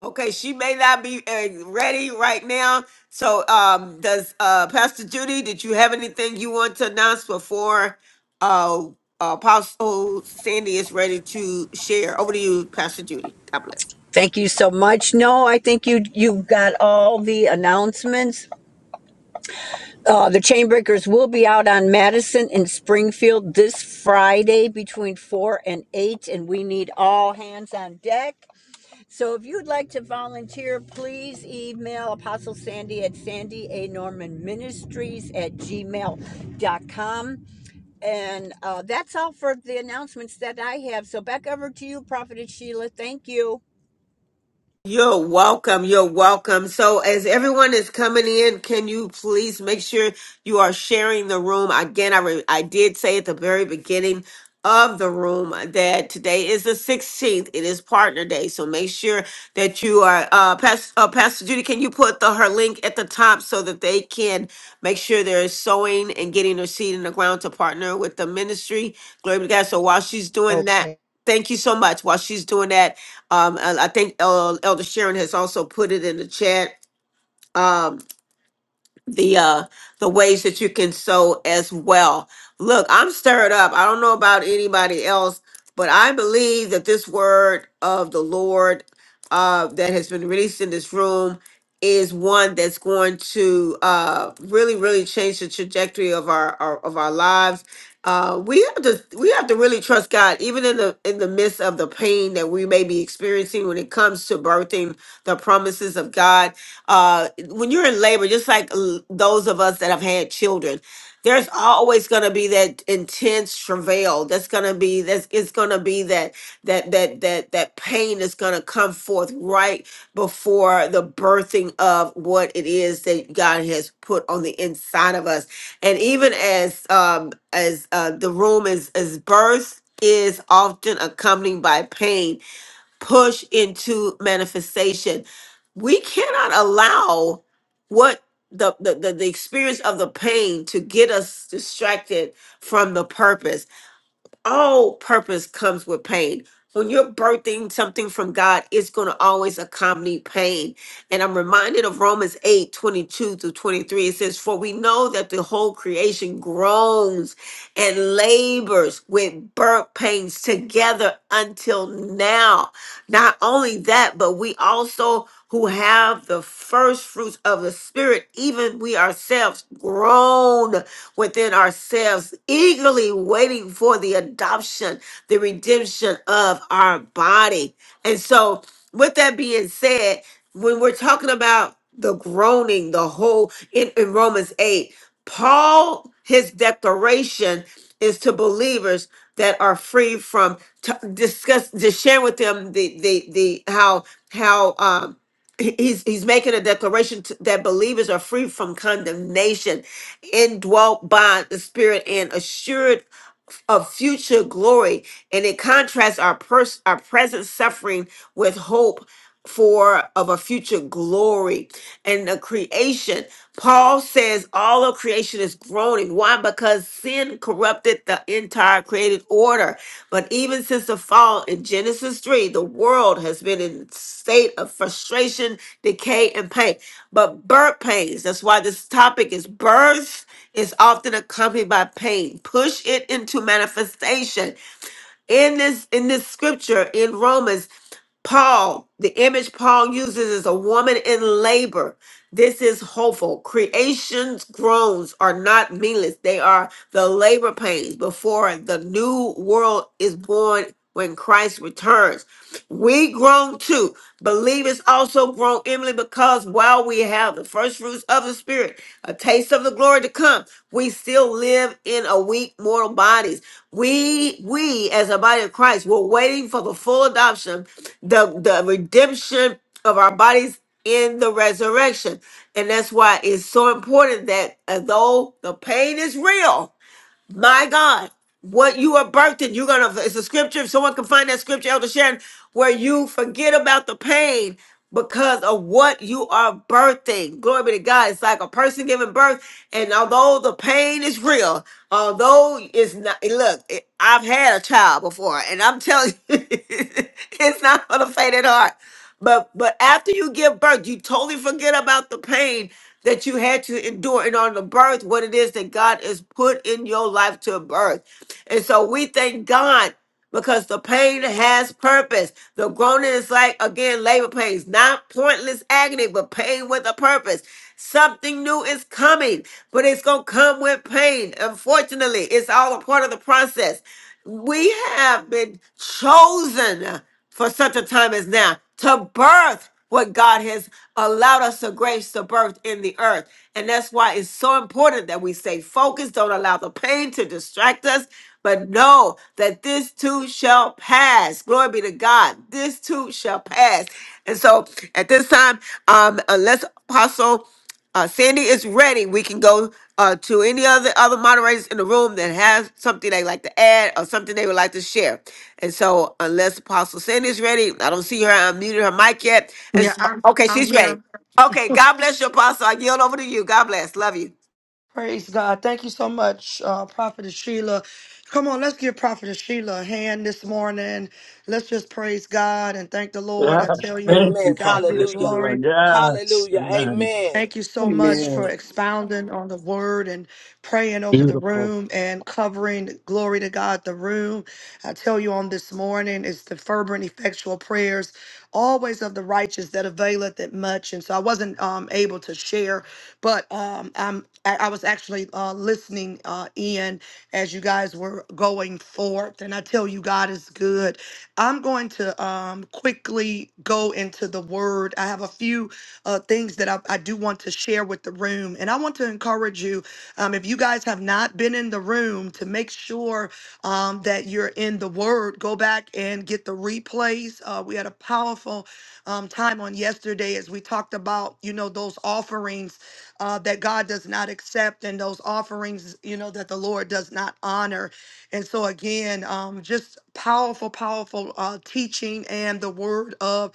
Okay, she may not be uh, ready right now. So, um, does uh, Pastor Judy, did you have anything you want to announce before uh, Apostle Sandy is ready to share? Over to you, Pastor Judy. God bless. Thank you so much. No, I think you you got all the announcements. Uh, the Chainbreakers will be out on Madison in Springfield this Friday between four and eight, and we need all hands on deck. So if you'd like to volunteer, please email Apostle Sandy at Sandy A. Norman Ministries at gmail dot com. And uh, that's all for the announcements that I have. So back over to you, Prophetess Sheila. Thank you. You're welcome. You're welcome. So, as everyone is coming in, can you please make sure you are sharing the room? Again, I, re- I did say at the very beginning of the room that today is the 16th. It is partner day. So, make sure that you are, uh, Pastor, uh, Pastor Judy, can you put the her link at the top so that they can make sure they're sowing and getting their seed in the ground to partner with the ministry? Glory be to God. So, while she's doing that, Thank you so much. While she's doing that, um, and I think uh, Elder Sharon has also put it in the chat. Um, the uh the ways that you can sow as well. Look, I'm stirred up. I don't know about anybody else, but I believe that this word of the Lord uh that has been released in this room is one that's going to uh really really change the trajectory of our, our of our lives. Uh, we have to we have to really trust God even in the in the midst of the pain that we may be experiencing when it comes to birthing the promises of God uh, when you're in labor, just like l- those of us that have had children, there's always going to be that intense travail. That's going to be that's it's going to be that that that that that pain is going to come forth right before the birthing of what it is that God has put on the inside of us. And even as um as uh, the room is is birth is often accompanied by pain push into manifestation. We cannot allow what the, the, the, the experience of the pain to get us distracted from the purpose. All purpose comes with pain. When you're birthing something from God, it's going to always accompany pain. And I'm reminded of Romans 8 22 through 23. It says, For we know that the whole creation groans and labors with birth pains together until now. Not only that, but we also who have the first fruits of the Spirit, even we ourselves grown within ourselves, eagerly waiting for the adoption, the redemption of our body. And so, with that being said, when we're talking about the groaning, the whole in, in Romans 8. Paul, his declaration is to believers that are free from to discuss to share with them the the the how how um he- he's he's making a declaration to, that believers are free from condemnation indwelt by the spirit and assured of future glory and it contrasts our pers- our present suffering with hope for of a future glory and the creation. Paul says all of creation is groaning. Why? Because sin corrupted the entire created order. But even since the fall in Genesis 3, the world has been in state of frustration, decay, and pain. But birth pains, that's why this topic is birth is often accompanied by pain. Push it into manifestation in this in this scripture in Romans, Paul, the image Paul uses is a woman in labor. This is hopeful. Creation's groans are not meaningless. They are the labor pains before the new world is born when Christ returns. We grown too. Believers also grown, Emily, because while we have the first fruits of the Spirit, a taste of the glory to come, we still live in a weak mortal bodies. We, we as a body of Christ, we're waiting for the full adoption, the, the redemption of our bodies in the resurrection. And that's why it's so important that uh, though the pain is real, my God, what you are birthing, you're gonna. It's a scripture. If someone can find that scripture, Elder Sharon, where you forget about the pain because of what you are birthing. Glory be to God. It's like a person giving birth, and although the pain is real, although it's not. Look, it, I've had a child before, and I'm telling you, it's not for the faint at heart. But but after you give birth, you totally forget about the pain that you had to endure and on the birth, what it is that God has put in your life to birth. And so we thank God because the pain has purpose. The groaning is like, again, labor pains, not pointless agony, but pain with a purpose. Something new is coming, but it's going to come with pain. Unfortunately, it's all a part of the process. We have been chosen for such a time as now to birth what God has allowed us to grace to birth in the earth. And that's why it's so important that we stay focused, don't allow the pain to distract us, but know that this too shall pass. Glory be to God. This too shall pass. And so at this time, um, unless Apostle uh, Sandy is ready, we can go uh, to any other other moderators in the room that have something they like to add or something they would like to share. And so, unless Apostle Sandy's ready, I don't see her. I muted her mic yet. And Yeah, s- I'm okay, I'm she's ready. here. Okay, God bless you, Apostle. I yield over to you. God bless. Love you. Praise God. Thank you so much, uh, Prophetess Sheila. Come on, let's give Prophetess Sheila a hand this morning. Let's just praise God and thank the Lord. Yes, I tell you, thank to Amen. you, God be the Prophetess Hallelujah. Sheila. glory. Yes, Hallelujah. amen. Amen. Thank you so much for Amen. expounding on the word and praying over the Beautiful. room and covering, glory to God, the room. I tell you on this morning, it's the fervent, effectual prayers, always of the righteous that availeth it much. And so I wasn't um, able to share, but um, I'm, I, I was actually uh, listening uh, in as you guys were going forth. And I tell you, God is good. I'm going to um, quickly go into the word. I have a few uh, things that I, I do want to share with the room. And I want to encourage you, um, if you guys have not been in the room, to make sure um, that you're in the Word. Go back and get the replays. Uh, we had a powerful um, time on yesterday as we talked about, you know, those offerings uh, that God does not accept and those offerings, you know, that the Lord does not honor. And so, again, um, just powerful, powerful uh, teaching and the Word of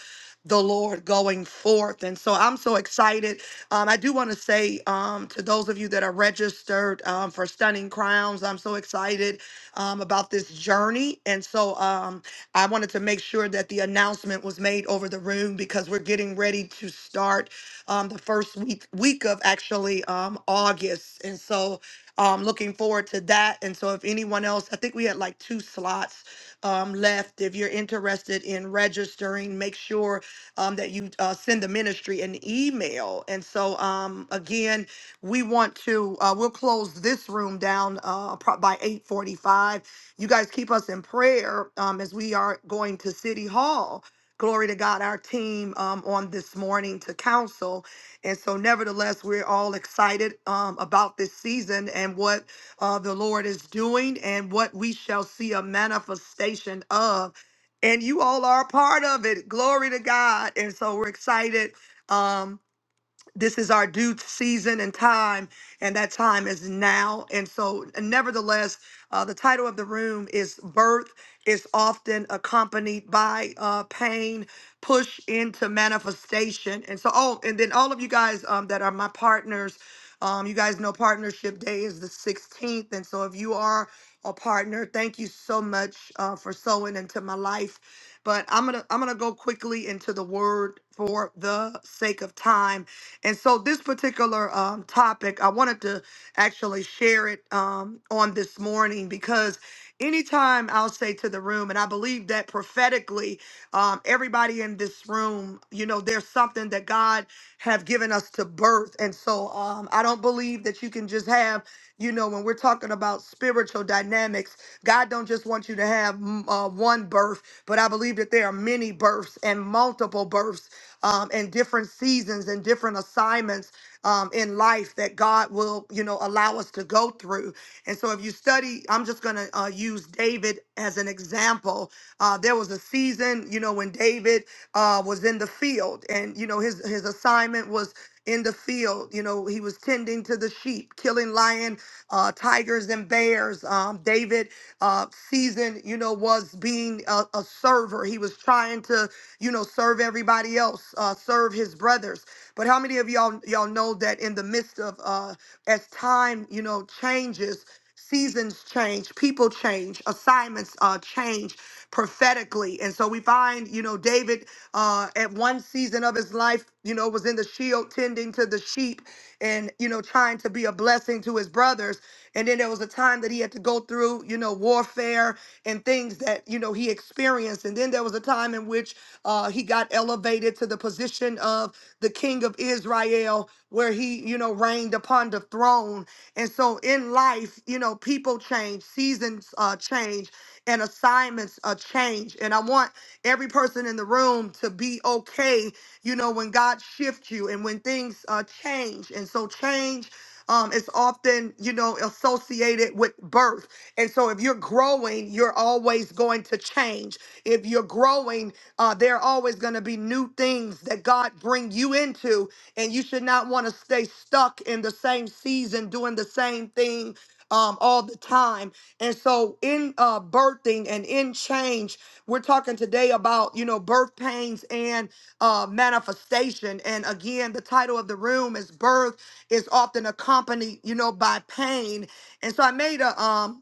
the Lord going forth. And so I'm so excited. Um, I do want to say um, to those of you that are registered um, for Stunning Crowns, I'm so excited um, about this journey. And so um, I wanted to make sure that the announcement was made over the room because we're getting ready to start um, the first week week of actually um, August. And so um, looking forward to that. And so if anyone else, I think we had like two slots um, left. If you're interested in registering, make sure um, that you uh, send the ministry an email. And so, um, again, we want to uh, we'll close this room down uh, pro- by 8:45. You guys keep us in prayer um, as we are going to City Hall. Glory to God, our team um, on this morning to counsel. And so, nevertheless, we're all excited um, about this season and what uh, the Lord is doing and what we shall see a manifestation of and you all are a part of it. Glory to God. And so we're excited. Um, this is our due season and time, and that time is now. And so, nevertheless, uh, the title of the room is Birth is often accompanied by uh, pain, push into manifestation. And so, oh, and then all of you guys um, that are my partners, um, you guys know Partnership Day is the 16th. And so, if you are a partner, thank you so much uh, for sowing into my life. But I'm gonna I'm gonna go quickly into the word for the sake of time and so, this particular um, topic, I wanted to actually share it um, on this morning because anytime I'll say to the room, and I believe that prophetically, um, everybody in this room, you know, there's something that God have given us to birth. And so, um, I don't believe that you can just have, you know, when we're talking about spiritual dynamics, God don't just want you to have mm, uh, one birth, but I believe that there are many births and multiple births um, and different seasons and different assignments um, in life that God will, you know, allow us to go through. And so if you study, I'm just going to uh, use David as an example. Uh, there was a season, you know, when David uh, was in the field and, you know, his, his assignment was in the field. You know, he was tending to the sheep, killing lion uh, tigers and bears. Um, David uh, season, you know, was being a, a server. He was trying to, you know, serve everybody else, uh, serve his brothers. But how many of y'all y'all know that in the midst of uh, as time, you know, changes seasons change, people change, assignments uh, change prophetically. And so we find, you know, David uh, at one season of his life, you know, was in the shield tending to the sheep and, you know, trying to be a blessing to his brothers. And then there was a time that he had to go through, you know, warfare and things that, you know, he experienced. And then there was a time in which uh, he got elevated to the position of the king of Israel. Israel, where he, you know, reigned upon the throne. And so in life, you know, people change, seasons uh, change, and assignments uh, change. And I want every person in the room to be okay, you know, when God shifts you and when things uh, change. And so change um, is often, you know, associated with birth. And so if you're growing, you're always going to change. If you're growing, uh, there are always going to be new things that God bring you into, and you should not want to stay stuck in the same season doing the same thing um, all the time. And so, in uh, birthing and in change, we're talking today about you know birth pains and uh, manifestation. And again, the title of the room is "Birth is often accompanied, you know, by pain." And so, I made a um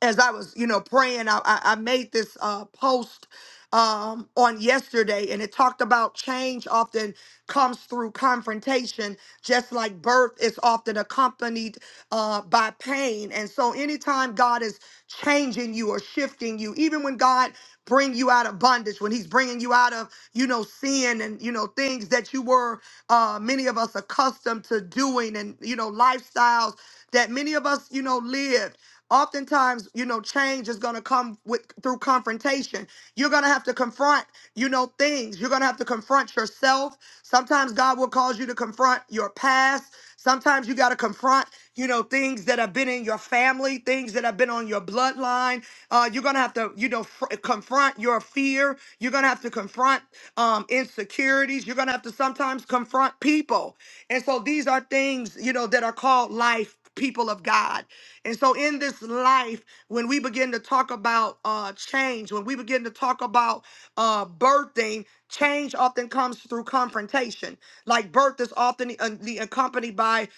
as I was, you know, praying, I, I I made this uh, post um, on yesterday, and it talked about change often comes through confrontation, just like birth is often accompanied uh, by pain. And so, anytime God is changing you or shifting you, even when God bring you out of bondage, when he's bringing you out of, you know, sin and, you know, things that you were, uh, many of us accustomed to doing and, you know, lifestyles that many of us, you know, lived. Oftentimes, you know, change is going to come with through confrontation. You're going to have to confront, you know, things. You're going to have to confront yourself. Sometimes God will cause you to confront your past. Sometimes you got to confront, you know, things that have been in your family, things that have been on your bloodline. Uh, you're going to have to, you know, fr- confront your fear. You're going to have to confront um, insecurities. You're going to have to sometimes confront people. And so these are things, you know, that are called life people of God. And so in this life, when we begin to talk about uh change, when we begin to talk about uh birthing, change often comes through confrontation. Like birth is often uh, the accompanied by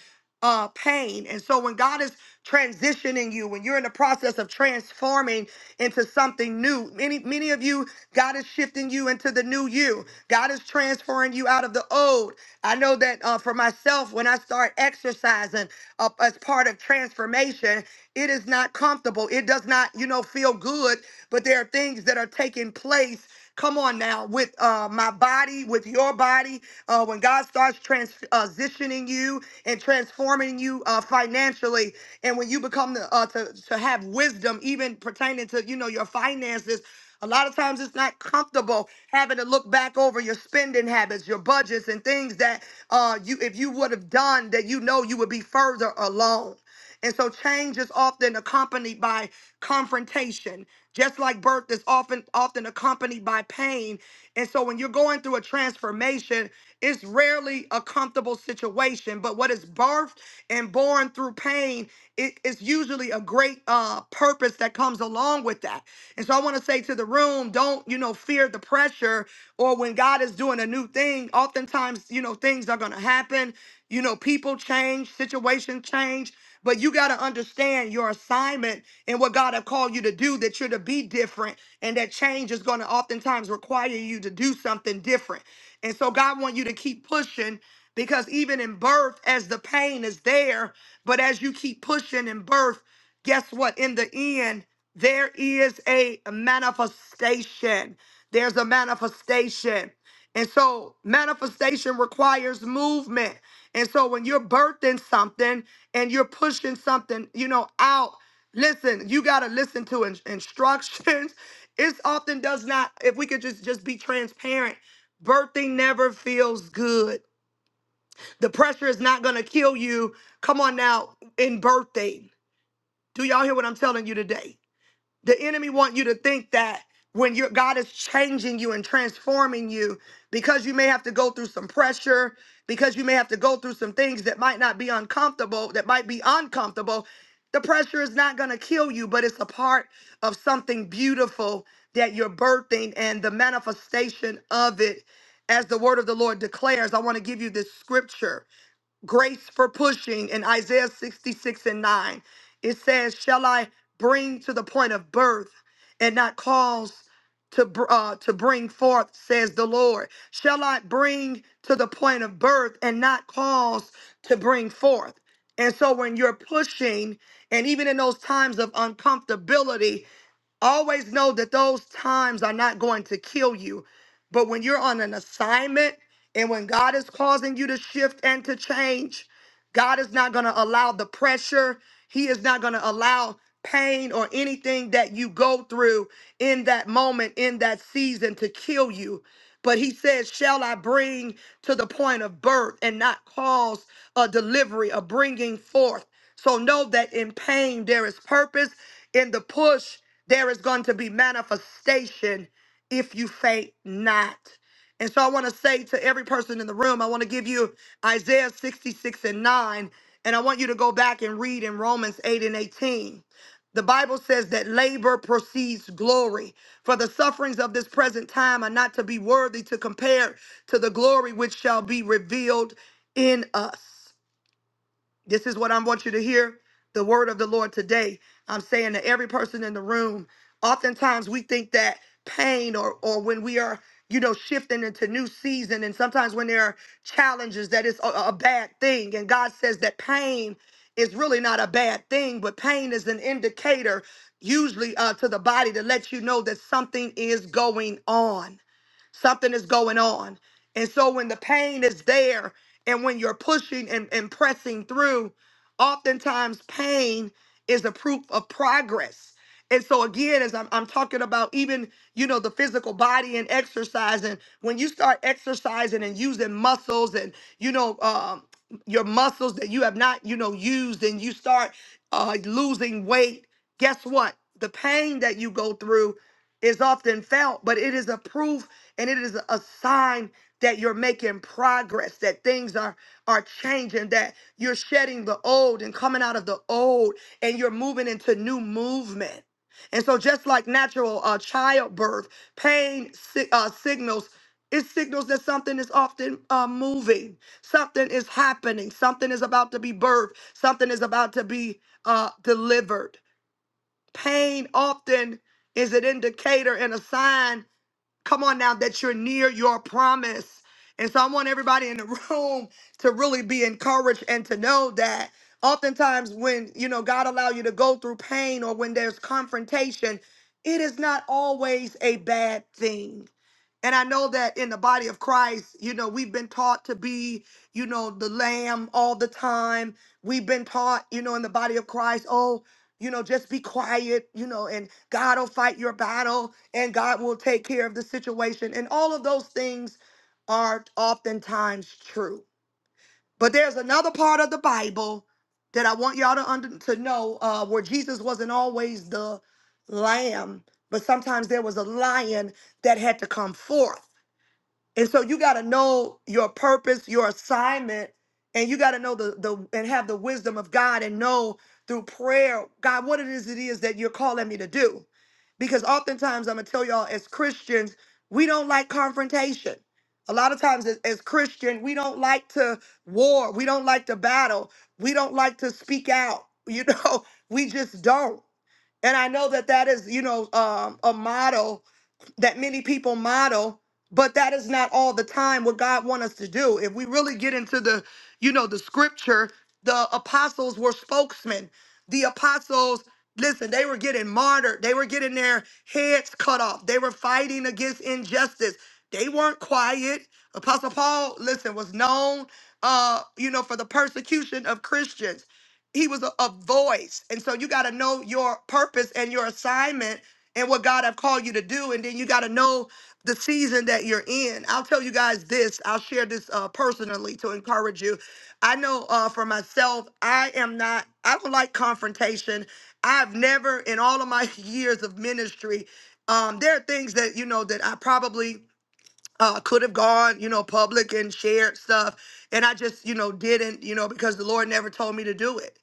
uh pain. And so when God is transitioning you, when you're in the process of transforming into something new, new. Many, many of you, God is shifting you into the new you. God is transferring you out of the old. I know that uh, for myself, when I start exercising uh, as part of transformation, it is not comfortable. It does not, you know, feel good. But there are things that are taking place. Come on now, with uh, my body, with your body. Uh, when God starts transitioning you and transforming you uh, financially, and when you become the, uh, to to have wisdom, even pertaining to you know your finances. A lot of times it's not comfortable having to look back over your spending habits, your budgets, and things that uh, you, if you would have done, that you know you would be further along. And so change is often accompanied by confrontation, just like birth is often often accompanied by pain. And so when you're going through a transformation, it's rarely a comfortable situation. But what is birthed and born through pain it is usually a great uh, purpose that comes along with that. And so I want to say to the room, don't you know fear the pressure or when God is doing a new thing. Oftentimes, you know things are going to happen. You know people change, situations change. But you got to understand your assignment and what God have called you to do, that you're to be different and that change is going to oftentimes require you to do something different. And so God want you to keep pushing because even in birth, as the pain is there, but as you keep pushing in birth, guess what? In the end, there is a manifestation. There's a manifestation. And so manifestation requires movement. And so when you're birthing something and you're pushing something, you know, out, listen, you got to listen to in- instructions. It often does not if we could just just be transparent. Birthing never feels good. The pressure is not going to kill you. Come on now in birthing. Do y'all hear what I'm telling you today? The enemy want you to think that when your God is changing you and transforming you, because you may have to go through some pressure, because you may have to go through some things that might not be uncomfortable, that might be uncomfortable. The pressure is not going to kill you, but it's a part of something beautiful that you're birthing and the manifestation of it. As the word of the Lord declares, I want to give you this scripture grace for pushing in Isaiah 66 and 9. It says, Shall I bring to the point of birth and not cause to, br- uh, to bring forth, says the Lord? Shall I bring to the point of birth and not cause to bring forth? And so when you're pushing, and even in those times of uncomfortability, Always know that those times are not going to kill you. But when you're on an assignment and when God is causing you to shift and to change, God is not going to allow the pressure. He is not going to allow pain or anything that you go through in that moment, in that season to kill you. But he says, Shall I bring to the point of birth and not cause a delivery, a bringing forth? So know that in pain there is purpose. In the push, there is going to be manifestation if you faint not. And so I want to say to every person in the room, I want to give you Isaiah 66 and 9, and I want you to go back and read in Romans 8 and 18. The Bible says that labor precedes glory, for the sufferings of this present time are not to be worthy to compare to the glory which shall be revealed in us. This is what I want you to hear the word of the Lord today. I'm saying to every person in the room, oftentimes we think that pain or or when we are you know shifting into new season and sometimes when there are challenges that is a, a bad thing and God says that pain is really not a bad thing but pain is an indicator usually uh, to the body to let you know that something is going on Something is going on. And so when the pain is there and when you're pushing and, and pressing through, oftentimes pain is a proof of progress. And so again, as I'm, I'm talking about even, you know, the physical body and exercising, when you start exercising and using muscles and, you know, um, your muscles that you have not, you know, used and you start uh, losing weight, guess what? The pain that you go through is often felt, but it is a proof and it is a sign that you're making progress, that things are are changing, that you're shedding the old and coming out of the old and you're moving into new movement. And so just like natural uh, childbirth, pain si- uh, signals it signals that something is often uh, moving, something is happening, something is about to be birthed, something is about to be uh, delivered. Pain often is an indicator and a sign, come on now, that you're near your promise. And so I want everybody in the room to really be encouraged and to know that oftentimes when, you know, God allow you to go through pain or when there's confrontation, it is not always a bad thing and I know that in the body of Christ, you know, we've been taught to be, you know, the lamb all the time. We've been taught, you know, in the body of Christ, oh, you know, just be quiet, you know, and God will fight your battle and God will take care of the situation. And all of those things are oftentimes true. But there's another part of the Bible that I want y'all to under, to know uh, where Jesus wasn't always the lamb, but sometimes there was a lion that had to come forth. And so you got to know your purpose, your assignment, and you got to know the the and have the wisdom of God and know through prayer, God, what it is it is that you're calling me to do. Because oftentimes I'm gonna tell y'all as Christians, we don't like confrontation. A lot of times as, as Christian, we don't like to war, we don't like to battle, we don't like to speak out, you know, we just don't. And I know that that is, you know, um, a motto that many people model but that is not all the time what god wants us to do if we really get into the you know the scripture the apostles were spokesmen the apostles listen they were getting martyred they were getting their heads cut off they were fighting against injustice they weren't quiet apostle paul listen was known uh you know for the persecution of christians he was a, a voice and so you got to know your purpose and your assignment and what god have called you to do and then you got to know the season that you're in i'll tell you guys this i'll share this uh, personally to encourage you i know uh, for myself i am not i don't like confrontation i've never in all of my years of ministry um, there are things that you know that i probably uh, could have gone, you know, public and shared stuff. And I just, you know, didn't, you know, because the Lord never told me to do it.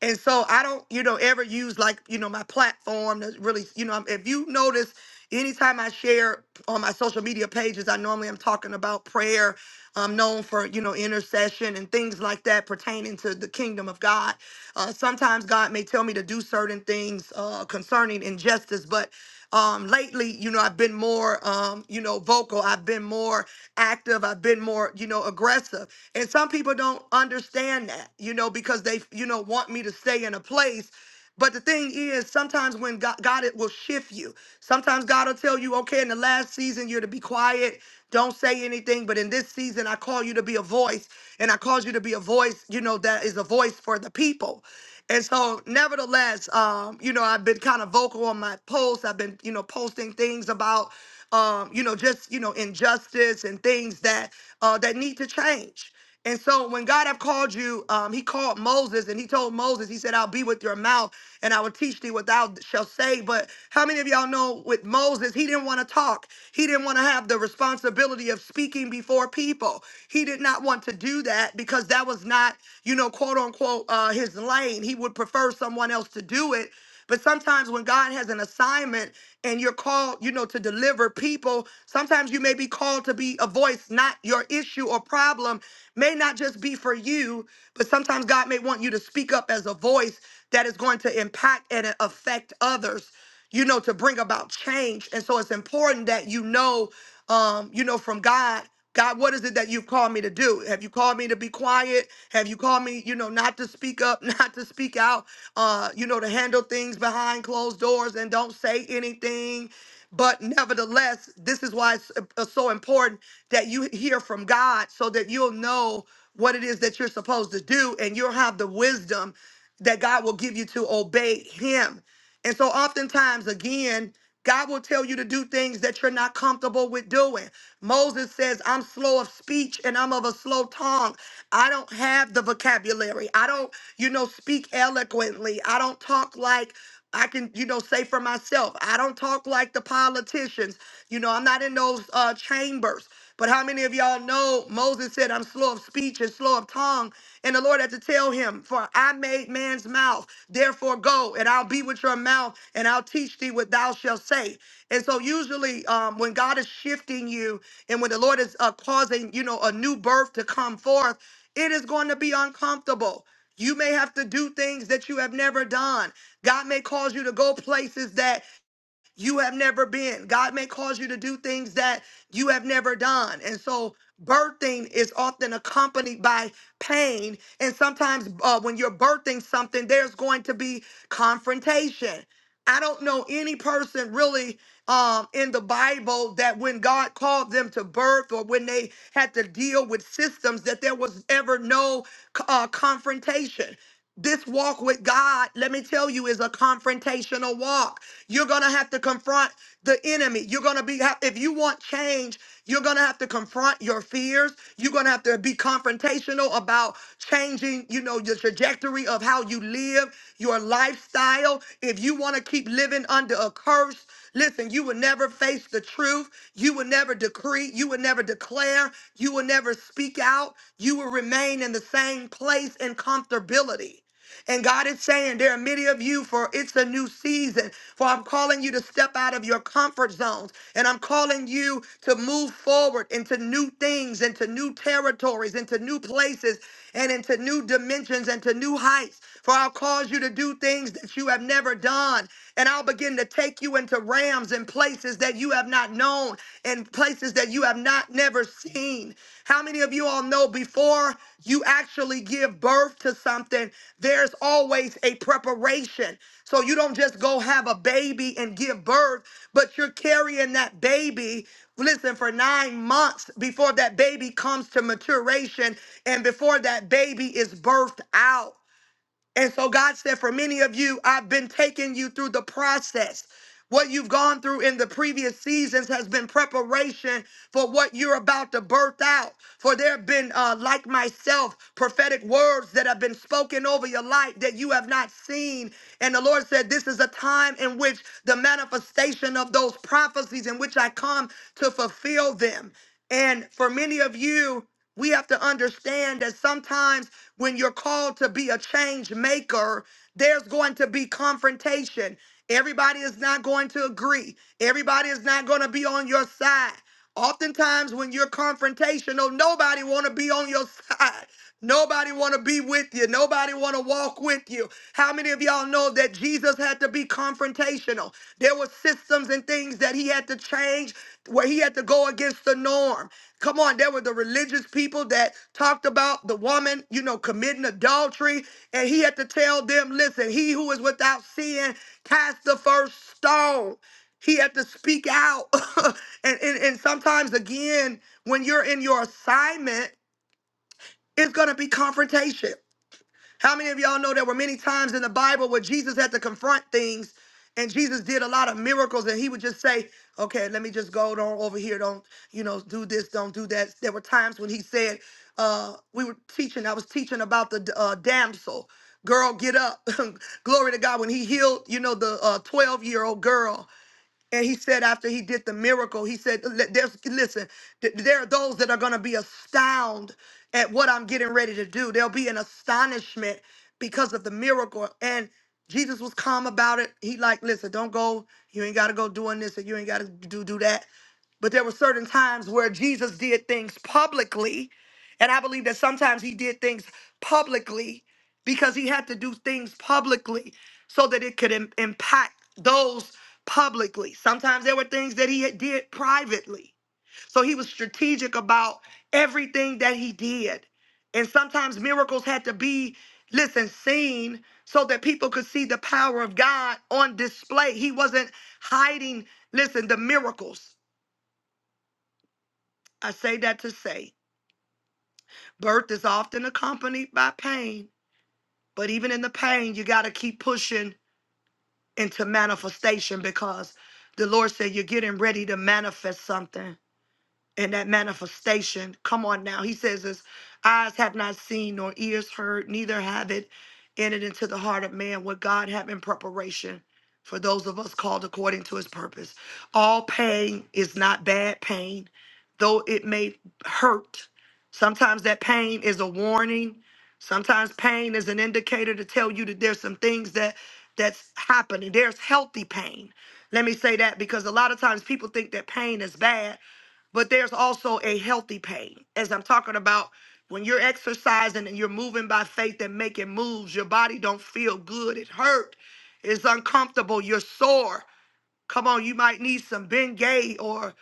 And so I don't, you know, ever use like, you know, my platform to really, you know, if you notice, anytime I share on my social media pages, I normally am talking about prayer. I'm known for, you know, intercession and things like that pertaining to the kingdom of God. Uh, sometimes God may tell me to do certain things uh, concerning injustice, but um, lately, you know, I've been more, um, you know, vocal. I've been more active. I've been more, you know, aggressive. And some people don't understand that, you know, because they, you know, want me to stay in a place. But the thing is, sometimes when God, God it will shift you. Sometimes God will tell you, okay, in the last season, you're to be quiet. Don't say anything. But in this season, I call you to be a voice. And I cause you to be a voice, you know, that is a voice for the people. And so, nevertheless, um, you know, I've been kind of vocal on my posts. I've been, you know, posting things about, um, you know, just you know, injustice and things that uh, that need to change. And so, when God have called you, um, He called Moses and He told Moses, He said, "I'll be with your mouth and I will teach thee what thou shalt say." But how many of y'all know with Moses, he didn't want to talk. He didn't want to have the responsibility of speaking before people. He did not want to do that because that was not not, you know, quote unquote, uh, his lane. He would prefer someone else to do it. But sometimes when God has an assignment and you're called, you know, to deliver people, sometimes you may be called to be a voice, not your issue or problem, may not just be for you, but sometimes God may want you to speak up as a voice that is going to impact and affect others you know, to bring about change. And so it's important that you know, um, you know, from God, God, what is it that you've called me to do? Have you called me to be quiet? Have you called me, you know, not to speak up, not to speak out, uh, you know, to handle things behind closed doors and don't say anything? But nevertheless, this is why it's uh, so important that you hear from God so that you'll know what it is that you're supposed to do and you'll have the wisdom that God will give you to obey Him. And so, oftentimes, again, God will tell you to do things that you're not comfortable with doing. Moses says, I'm slow of speech and I'm of a slow tongue. I don't have the vocabulary. I don't, you know, speak eloquently. I don't talk like I can, you know, say for myself. I don't talk like the politicians. You know, I'm not in those uh, chambers. But how many of y'all know Moses said, I'm slow of speech and slow of tongue? And the Lord had to tell him, For I made man's mouth, therefore go, and I'll be with your mouth, and I'll teach thee what thou shalt say. And so, usually, um, when God is shifting you and when the Lord is uh, causing, you know, a new birth to come forth, it is going to be uncomfortable. You may have to do things that you have never done. God may cause you to go places that you have never been. God may cause you to do things that you have never done. And so, birthing is often accompanied by pain. And sometimes, uh, when you're birthing something, there's going to be confrontation. I don't know any person really um, in the Bible that when God called them to birth or when they had to deal with systems, that there was ever no uh, confrontation. This walk with God, let me tell you, is a confrontational walk. You're going to have to confront the enemy. You're going to be, ha- if you want change, you're going to have to confront your fears. You're going to have to be confrontational about changing, you know, your trajectory of how you live, your lifestyle. If you want to keep living under a curse, Listen, you will never face the truth. You will never decree. You will never declare. You will never speak out. You will remain in the same place and comfortability. And God is saying, There are many of you for it's a new season. For I'm calling you to step out of your comfort zones. And I'm calling you to move forward into new things, into new territories, into new places and into new dimensions and to new heights. For I'll cause you to do things that you have never done. And I'll begin to take you into realms and places that you have not known and places that you have not never seen. How many of you all know before you actually give birth? birth to something, there's always a preparation. So you don't just go have a baby and give birth, but you're carrying that baby, listen, for nine months before that baby comes to maturation and before that baby is birthed out. And so God said, for many of you, I've been taking you through the process. What you've gone through in the previous seasons has been preparation for what you're about to birth out. For there have been, uh, like myself, prophetic words that have been spoken over your life that you have not seen. And the Lord said, This is a time in which the manifestation of those prophecies in which I come to fulfill them. And for many of you, we have to understand that sometimes when you're called to be a change maker, there's going to be confrontation. Everybody is not going to agree, everybody is not going to be on your side. Oftentimes when you're confrontational, nobody want to be on your side. Nobody want to be with you. Nobody want to walk with you. How many of y'all know that Jesus had to be confrontational? confrontational. There were systems and things that he had to change where he had to go against the norm. Come on, there were the religious people that talked about the woman, you know, committing adultery, and he had to tell them, listen, he who is without sin, cast the first stone. He had to speak out. and, and, and sometimes, again, when you're in your assignment, it's going to be confrontation how many of y'all know there were many times in the Bible where Jesus had to confront things and Jesus did a lot of miracles and he would just say, okay, let me just go do over here. Don't, you know, do this, don't do that. There were times when he said, uh, we were teaching, I was teaching about the uh, damsel, girl, get up. Glory to God. When he healed, you know, the 12 year old girl and he said after he did the miracle, he said, "Li- "There's listen, th- there are those that are going to be astounded at what I'm getting ready to do. There'll be an astonishment because of the miracle." And Jesus was calm about it. He like, "Listen, don't go. You ain't got to go doing this, and you ain't got to do do that." But there were certain times where Jesus did things publicly, and I believe that sometimes he did things publicly because he had to do things publicly so that it could im- impact those publicly. Sometimes there were things that he had did privately. So he was strategic about everything that he did. And sometimes miracles had to be, listen, seen so that people could see the power of God on display. He wasn't hiding, listen, the miracles. I say that to say birth is often accompanied by pain, but even in the pain, you got to keep pushing into manifestation because the Lord said you're getting ready to manifest something and that manifestation. Come on now. He says this eyes have not seen nor ears heard, neither have it entered into the heart of man what God have in preparation for those of us called according to his purpose. All pain is not bad pain, though it may hurt. Sometimes that pain is a warning. Sometimes pain is an indicator to tell you that there's some things that that's happening. There's healthy pain. Let me say that because a lot of times people think that pain is bad but there's also a healthy pain. As I'm talking about, when you're exercising and you're moving by faith and making moves, your body don't feel good. It hurt. It's uncomfortable. You're sore. Come on, you might need some Bengay or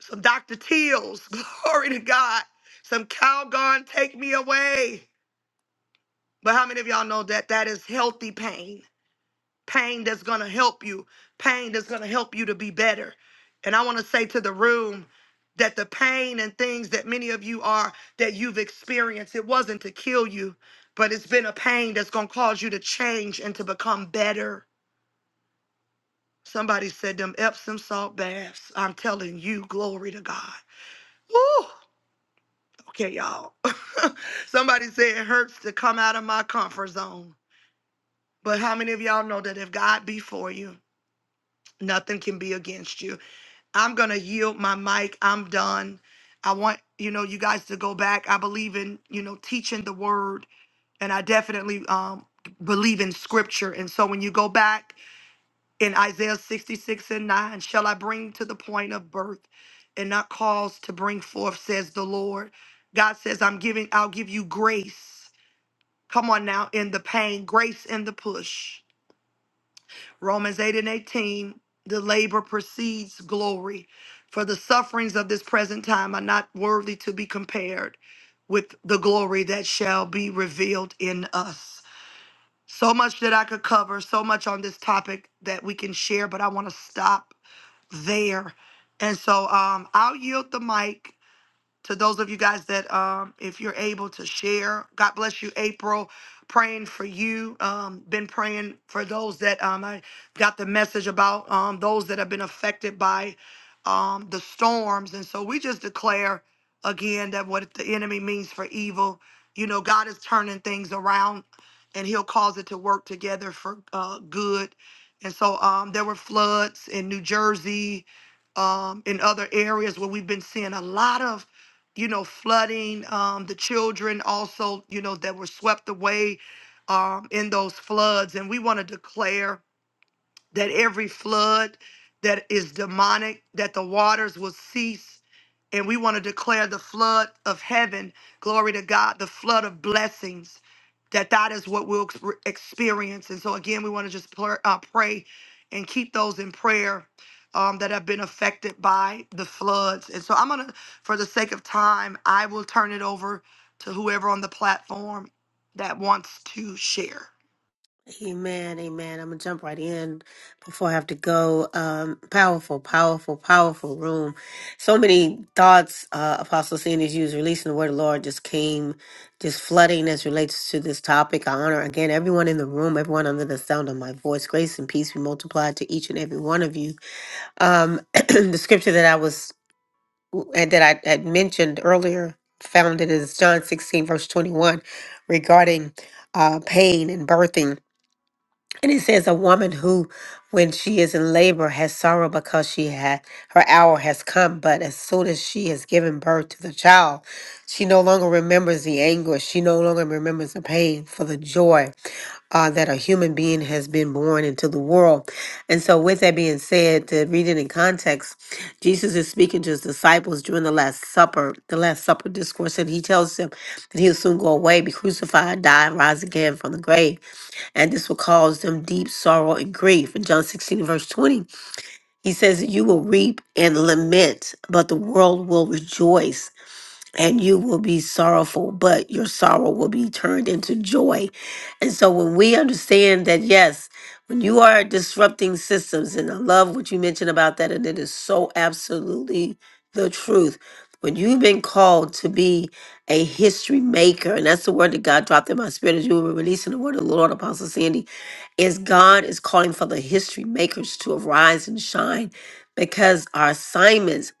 some Dr. Teals. Glory to God. Some Calgon, take me away. But how many of y'all know that that is healthy pain? pain that's going to help you, pain that's going to help you to be better. And I want to say to the room that the pain and things that many of you are that you've experienced, it wasn't to kill you, but it's been a pain that's going to cause you to change and to become better. Somebody said them Epsom salt baths. I'm telling you, glory to God. Woo! Okay, y'all. Somebody said it hurts to come out of my comfort zone. But how many of y'all know that if God be for you, nothing can be against you? I'm gonna yield my mic. I'm done. I want you know you guys to go back. I believe in you know teaching the word, and I definitely um believe in scripture. And so when you go back in Isaiah 66 and 9, shall I bring to the point of birth and not cause to bring forth, says the Lord. God says, I'm giving, I'll give you grace. Come on now, in the pain, grace in the push. Romans 8 and 18, the labor precedes glory. For the sufferings of this present time are not worthy to be compared with the glory that shall be revealed in us. So much that I could cover, so much on this topic that we can share, but I want to stop there. And so um, I'll yield the mic to those of you guys that um if you're able to share god bless you april praying for you um been praying for those that um i got the message about um those that have been affected by um the storms and so we just declare again that what the enemy means for evil you know god is turning things around and he'll cause it to work together for uh good and so um there were floods in new jersey um, in other areas where we've been seeing a lot of you know, flooding, um, the children also, you know, that were swept away um, in those floods. And we want to declare that every flood that is demonic, that the waters will cease. And we want to declare the flood of heaven, glory to God, the flood of blessings, that that is what we'll ex- experience. And so, again, we want to just pr- uh, pray and keep those in prayer um, that have been affected by the floods. And so, I'm going to, for the sake of time, I will turn it over to whoever on the platform that wants to share. Amen, amen. I'm gonna jump right in before I have to go. Um, powerful, powerful, powerful room. So many thoughts, uh, Apostle Sandy's used, releasing the word of the Lord just came, just flooding as relates to this topic. I honor again everyone in the room, everyone under the sound of my voice. Grace and peace be multiplied to each and every one of you. Um, the scripture that I was and that I had mentioned earlier, found it is John 16, verse 21, regarding uh, pain and birthing. And it says a woman who, when she is in labor, has sorrow because she had her hour has come, but as soon as she has given birth to the child, she no longer remembers the anguish, she no longer remembers the pain for the joy uh, that a human being has been born into the world. And so, with that being said, to read it in context, Jesus is speaking to his disciples during the Last Supper, the Last Supper discourse, and he tells them that he'll soon go away, be crucified, die, and rise again from the grave and this will cause them deep sorrow and grief. In John 16, verse 20, he says, You will reap and lament, but the world will rejoice and you will be sorrowful, but your sorrow will be turned into joy. And so when we understand that, yes, when you are disrupting systems, and I love what you mentioned about that, and it is so absolutely the truth. When you've been called to be a history maker, and that's the word that God dropped in my spirit as you were releasing the word of the Lord, Apostle Sandy, is God is calling for the history makers to arise and shine because our assignments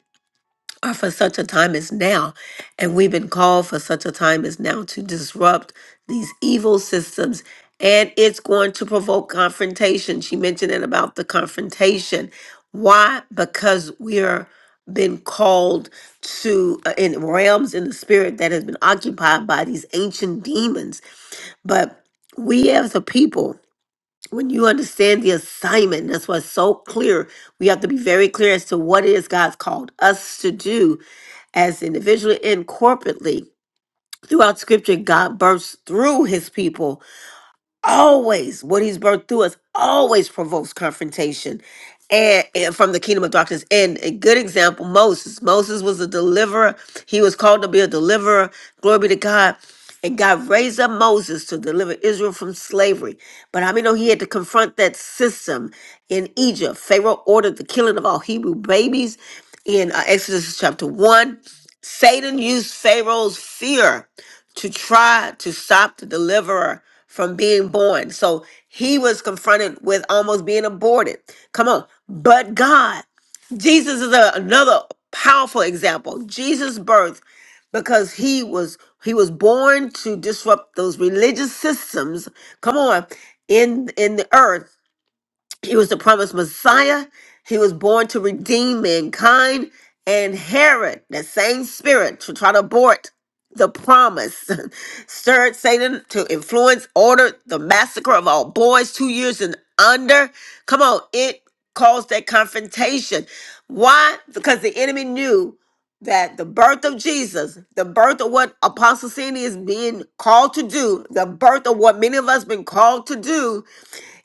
are for such a time as now. And we've been called for such a time as now to disrupt these evil systems. And it's going to provoke confrontation. She mentioned it about the confrontation. Why? Because we are been called to uh, in realms in the spirit that has been occupied by these ancient demons. But we as a people, when you understand the assignment, that's why it's so clear. We have to be very clear as to what it is God's called us to do as individually and corporately. Throughout scripture, God bursts through his people always what he's birthed through us always provokes confrontation and, and from the kingdom of darkness and a good example moses moses was a deliverer he was called to be a deliverer glory be to god and god raised up moses to deliver israel from slavery but how many know he had to confront that system in egypt pharaoh ordered the killing of all hebrew babies in uh, exodus chapter 1 satan used pharaoh's fear to try to stop the deliverer from being born. So he was confronted with almost being aborted. Come on. But God, Jesus is a, another powerful example. Jesus' birth because he was he was born to disrupt those religious systems come on in in the earth he was the promised Messiah. He was born to redeem mankind. And Herod, that same spirit to try to abort the promise, stirred Satan to influence, ordered the massacre of all boys two years and under. Come on, it caused that confrontation. Why? Because the enemy knew that the birth of Jesus, the birth of what Apostle Sandy is being called to do, the birth of what many of us been called to do,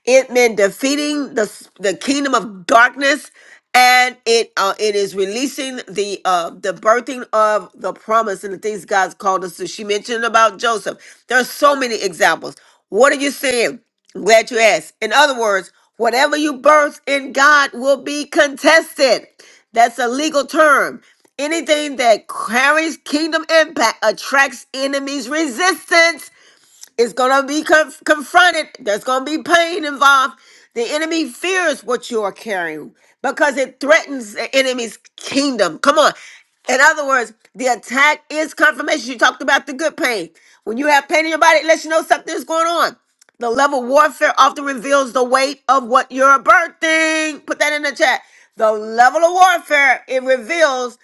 it meant defeating the the kingdom of darkness, and it uh, it is releasing the uh, the birthing of the promise and the things God's called us to. She mentioned about Joseph. There are so many examples. What are you saying? I'm glad you asked. In other words, whatever you birth in God will be contested. That's a legal term. Anything that carries kingdom impact attracts enemies' resistance it's going to be conf- confronted. There's going to be pain involved. The enemy fears what you are carrying because it threatens the enemy's kingdom. Come on. In other words, the attack is confirmation. You talked about the good pain. When you have pain in your body, it lets you know something's going on. The level of warfare often reveals the weight of what you're birthing. Put that in the chat. The level of warfare, it reveals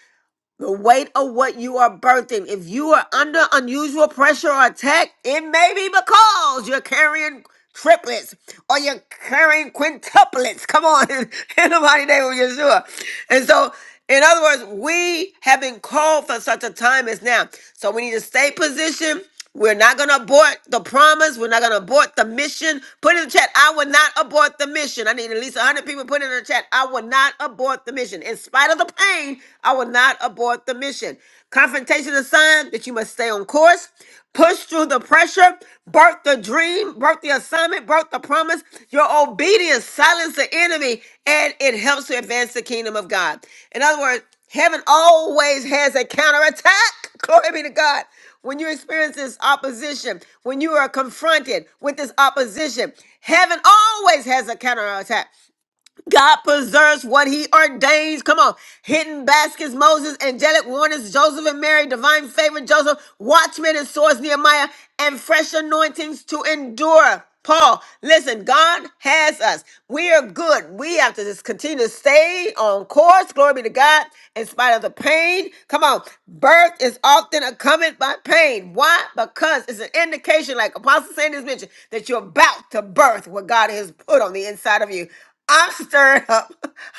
the weight of what you are birthing. If you are under unusual pressure or attack, it may be because you're carrying triplets or you're carrying quintuplets. Come on, in, in the mighty name of Yeshua. And so, in other words, we have been called for such a time as now. So we need to stay positioned. We're not going to abort the promise. We're not going to abort the mission. Put in the chat, I will not abort the mission. I need at least 100 people put in the chat, I will not abort the mission. In spite of the pain, I will not abort the mission. Confrontation is a sign that you must stay on course, push through the pressure, birth the dream, birth the assignment, birth the promise. Your obedience silences the enemy and it helps to advance the kingdom of God. In other words, heaven always has a counterattack. Glory be to God when you experience this opposition, when you are confronted with this opposition, heaven always has a counterattack. God preserves what he ordains. Come on. Hidden baskets, Moses, angelic warnings, Joseph and Mary, divine favor, Joseph, watchmen and swords, Nehemiah, and fresh anointings to endure. Paul, listen, God has us. We are good. We have to just continue to stay on course. Glory be to God. In spite of the pain. Come on. Birth is often accompanied by pain. Why? Because it's an indication, like Apostle Sanders mentioned, that you're about to birth what God has put on the inside of you. I'm stirred up.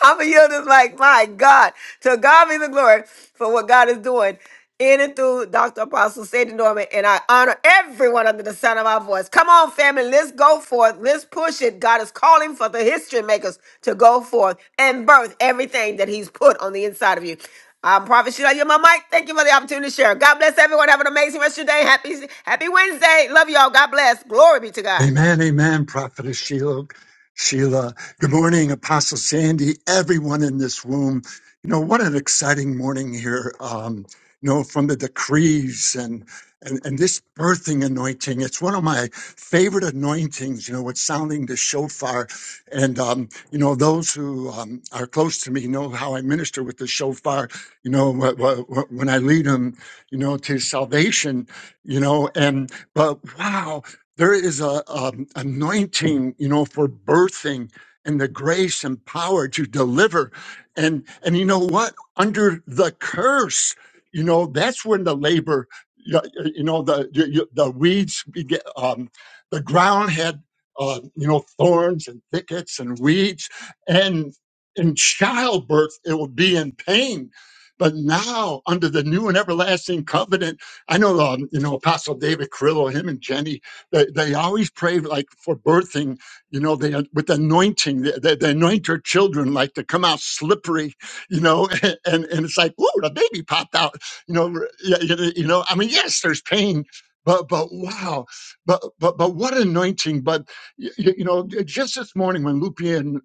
I'm a yield is like, my God. To God be the glory for what God is doing in and through Dr. Apostle Sadie Norman. And I honor everyone under the sound of my voice. Come on, family. Let's go forth. Let's push it. God is calling for the history makers to go forth and birth everything that He's put on the inside of you. I'm Prophet Sheila. You're my mic. Thank you for the opportunity to share. God bless everyone. Have an amazing rest of your day. Happy, happy Wednesday. Love y'all. God bless. Glory be to God. Amen, amen, Prophetess Sheila. Sheila, good morning, Apostle Sandy, everyone in this room. You know, what an exciting morning here. Um, you know, from the decrees and, and and this birthing anointing. It's one of my favorite anointings, you know, it's sounding the shofar. And um, you know, those who um, are close to me know how I minister with the shofar, you know, wh- wh- wh- when I lead them, you know, to salvation, you know, and but wow, there is a, um anointing, you know, for birthing and the grace and power to deliver. And and you know what? Under the curse, you know, that's when the labor, you you know, the you- you- the weeds began. Um, the ground had, uh, you know, thorns and thickets and weeds, and in childbirth it will be in pain. But now, under the new and everlasting covenant, I know, um, you know, Apostle David Carrillo, him and Jenny, they, they always pray like for birthing, you know, they with anointing. They, they, they anoint their children like to come out slippery, you know, and and it's like, whoa, the baby popped out, you know, r- y- y- you know. I mean, yes, there's pain. But, but wow, but but but what anointing! But you, you know, j- just this morning when Lupian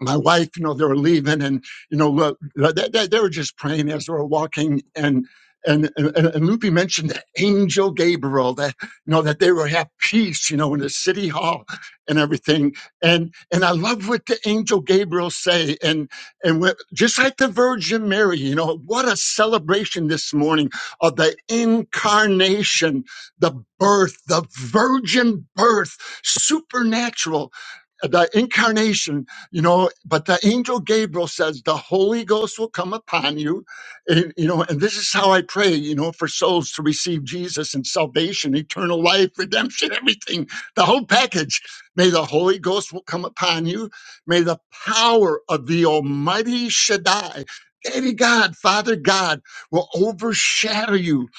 my wife, you know, they were leaving and, you know, look, uh, they, they, they were just praying as they were walking and, and, and, and Loopy mentioned the angel Gabriel that, you know, that they were at peace, you know, in the city hall and everything. And, and I love what the angel Gabriel say. And, and when, just like the Virgin Mary, you know, what a celebration this morning of the incarnation, the birth, the virgin birth, supernatural the incarnation you know but the angel gabriel says the holy ghost will come upon you and you know and this is how i pray you know for souls to receive jesus and salvation eternal life redemption everything the whole package may the holy ghost will come upon you may the power of the almighty shaddai Daddy God, Father God will overshadow you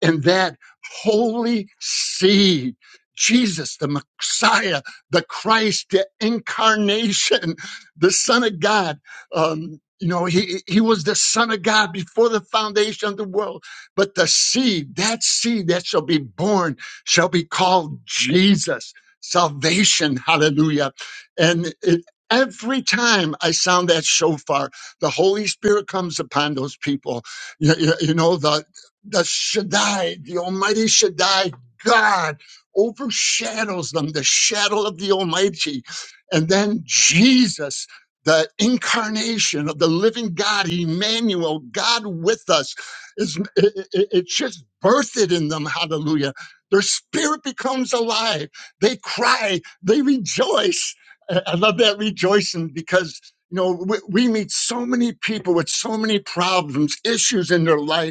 and that holy seed, Jesus, the Messiah, the Christ, the incarnation the Son of God. Um, you know, he he was the Son of God before the foundation of the world. But the seed, that seed that shall be born, shall be called Jesus, salvation. Hallelujah! And it, every time I sound that shofar, the Holy Spirit comes upon those people. You, you, you know, the the Shaddai, the Almighty Shaddai, God overshadows them, the shadow of the Almighty. And then Jesus the incarnation of the living God, Emmanuel, God with us, is it, it- it's just birthed in them. Hallelujah! Their spirit becomes alive. They cry. They rejoice. I I love that rejoicing because you know we, we meet so many people with so many problems, issues in their life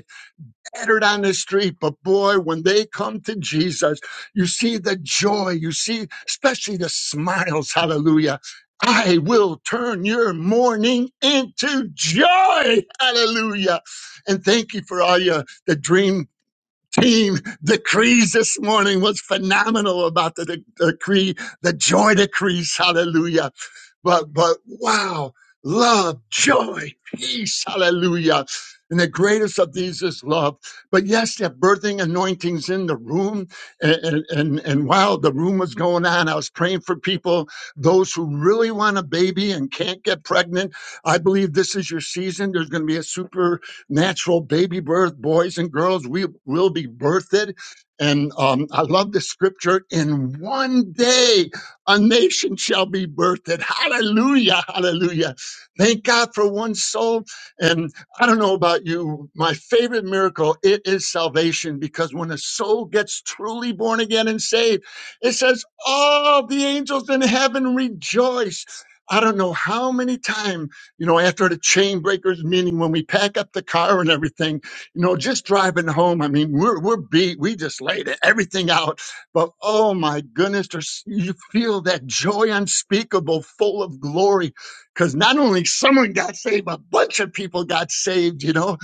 scattered on the street. But boy, when they come to Jesus, you see the joy, you see, especially the smiles. Hallelujah. I will turn your mourning into joy. Hallelujah. And thank you for all your the dream team decrees this morning was phenomenal about the, the decree, the joy decrees. Hallelujah but but wow love joy peace hallelujah and the greatest of these is love but yes that birthing anointings in the room and and and, and while the room was going on i was praying for people those who really want a baby and can't get pregnant i believe this is your season there's going to be a supernatural baby birth boys and girls we will be birthed and um, i love the scripture in one day a nation shall be birthed. Hallelujah, hallelujah. Thank God for one soul. And I don't know about you, my favorite miracle, it is salvation because when a soul gets truly born again and saved, it says, all the angels in heaven rejoice. I don't know how many times, you know, after the chain breakers meeting, when we pack up the car and everything, you know, just driving home. I mean, we're, we're beat. We just laid everything out but oh my goodness, there's, you feel that joy unspeakable, full of glory, because not only someone got saved, a bunch of people got saved, you know,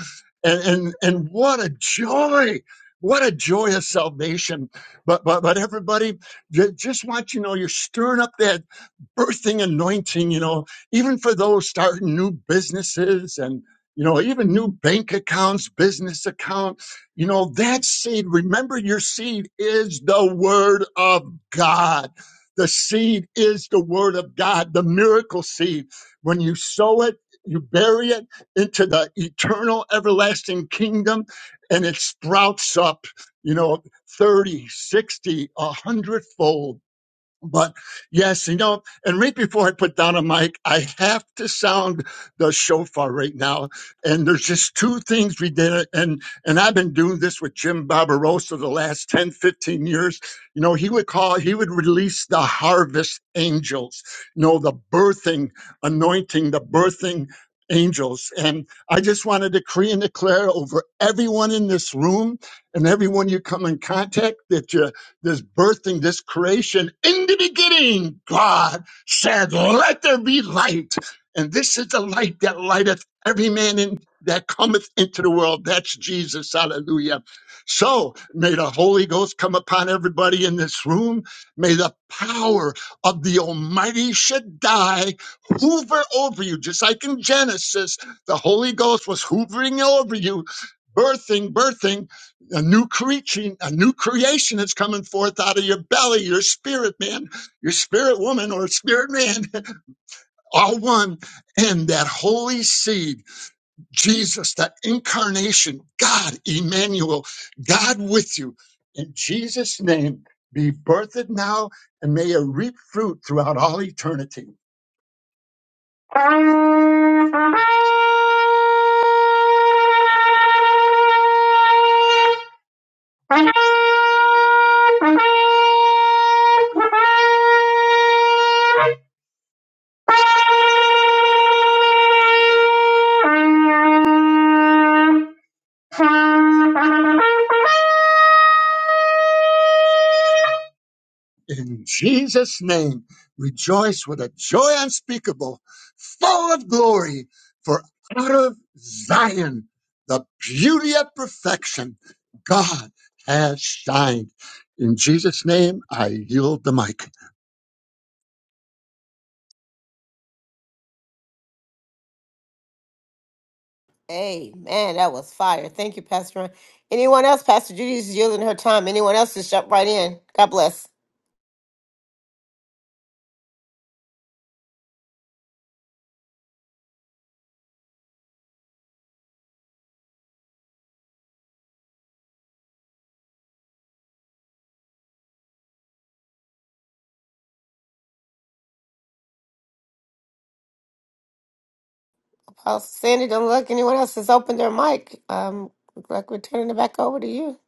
and and and what a joy! What a joy of salvation! But but but everybody, ju- just want you to know, you're stirring up that birthing anointing, you know, even for those starting new businesses and, you know, even new bank accounts, business accounts, you know, that seed, remember your seed is the word of God. The seed is the word of God, the miracle seed. When you sow it, you bury it into the eternal, everlasting kingdom, and it sprouts up, you know, 30, 60, a hundredfold. But yes, you know, and right before I put down a mic, I have to sound the shofar right now. And there's just two things we did. And and I've been doing this with Jim Barbarossa the last 10, 15 years. You know, he would call, he would release the harvest angels, you know, the birthing, anointing, the birthing angels. And I just want to decree and declare over everyone in this room and everyone you come in contact that you this birthing, this creation. In the beginning, God said, Let there be light. And this is the light that lighteth every man in, that cometh into the world. That's Jesus. Hallelujah. So may the Holy Ghost come upon everybody in this room. May the power of the Almighty Shaddai hoover over you, just like in Genesis, the Holy Ghost was hoovering over you, birthing, birthing a new creature, a new creation that's coming forth out of your belly, your spirit man, your spirit woman, or spirit man, all one. And that holy seed, Jesus, that incarnation, God, Emmanuel, God with you. In Jesus' name, be birthed now and may it reap fruit throughout all eternity. Thank you. In Jesus' name, rejoice with a joy unspeakable, full of glory, for out of Zion, the beauty of perfection, God has shined. In Jesus' name, I yield the mic. Amen. That was fire. Thank you, Pastor Ron. Anyone else? Pastor Judy's yielding her time. Anyone else? Just jump right in. God bless. Apostle Sandy, don't look. Anyone else has opened their mic? Um, look like we're turning it back over to you.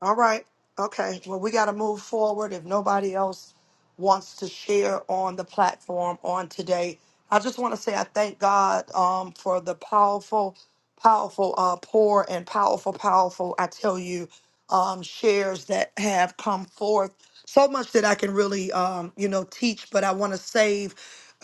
All right. Okay. Well, we got to move forward. If nobody else wants to share on the platform on today, I just want to say I thank God um, for the powerful, powerful uh, pour and powerful, powerful, I tell you, um, shares that have come forth. So much that I can really, um, you know, teach, but I want to save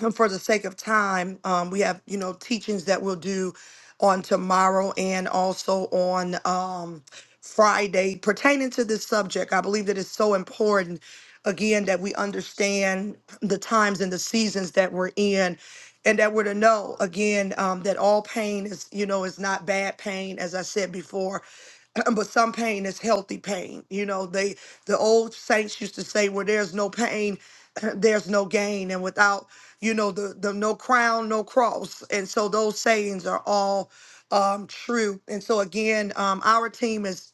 um, for the sake of time. Um, we have, you know, teachings that we'll do on tomorrow and also on. Um, Friday pertaining to this subject. I believe that it's so important, again, that we understand the times and the seasons that we're in. And that we're to know again um, that all pain is, you know, is not bad pain, as I said before, but some pain is healthy pain. You know, they the old saints used to say, "Where there's no pain, there's no gain," and without you know the the no crown, no cross. And so those sayings are all um, true. And so again, um, our team is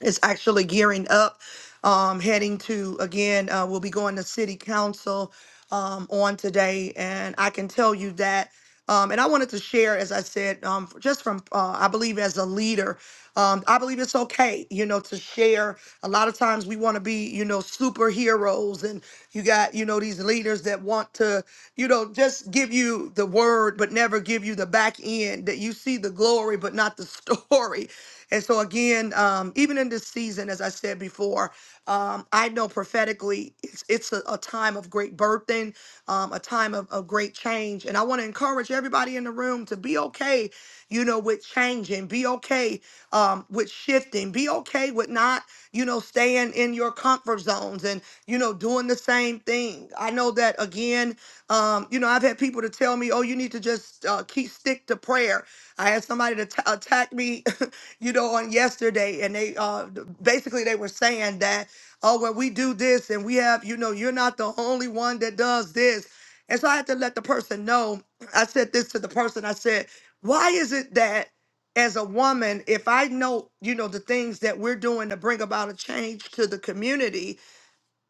is actually gearing up, um, heading to, again, uh, we'll be going to city council, um, on today. And I can tell you that, um, and I wanted to share, as I said, um, just from, uh, I believe as a leader, um, I believe it's okay, you know, to share. A lot of times we want to be, you know, superheroes and you got, you know, these leaders that want to, you know, just give you the word, but never give you the back end that you see the glory, but not the story. And so again, um, even in this season, as I said before, um, I know prophetically it's it's a, a time of great birthing, um, a time of, of great change. And I want to encourage everybody in the room to be okay, you know, with changing, be okay um, with shifting, be okay with not, you know, staying in your comfort zones and, you know, doing the same thing. I know that again, um, you know, I've had people to tell me, oh, you need to just uh, keep stick to prayer. I had somebody to t- attack me you know, on yesterday, and they uh th- basically they were saying that, oh, well, we do this and we have, you know, you're not the only one that does this. And so I had to let the person know. I said this to the person, I said, why is it that as a woman, if I know, you know, the things that we're doing to bring about a change to the community,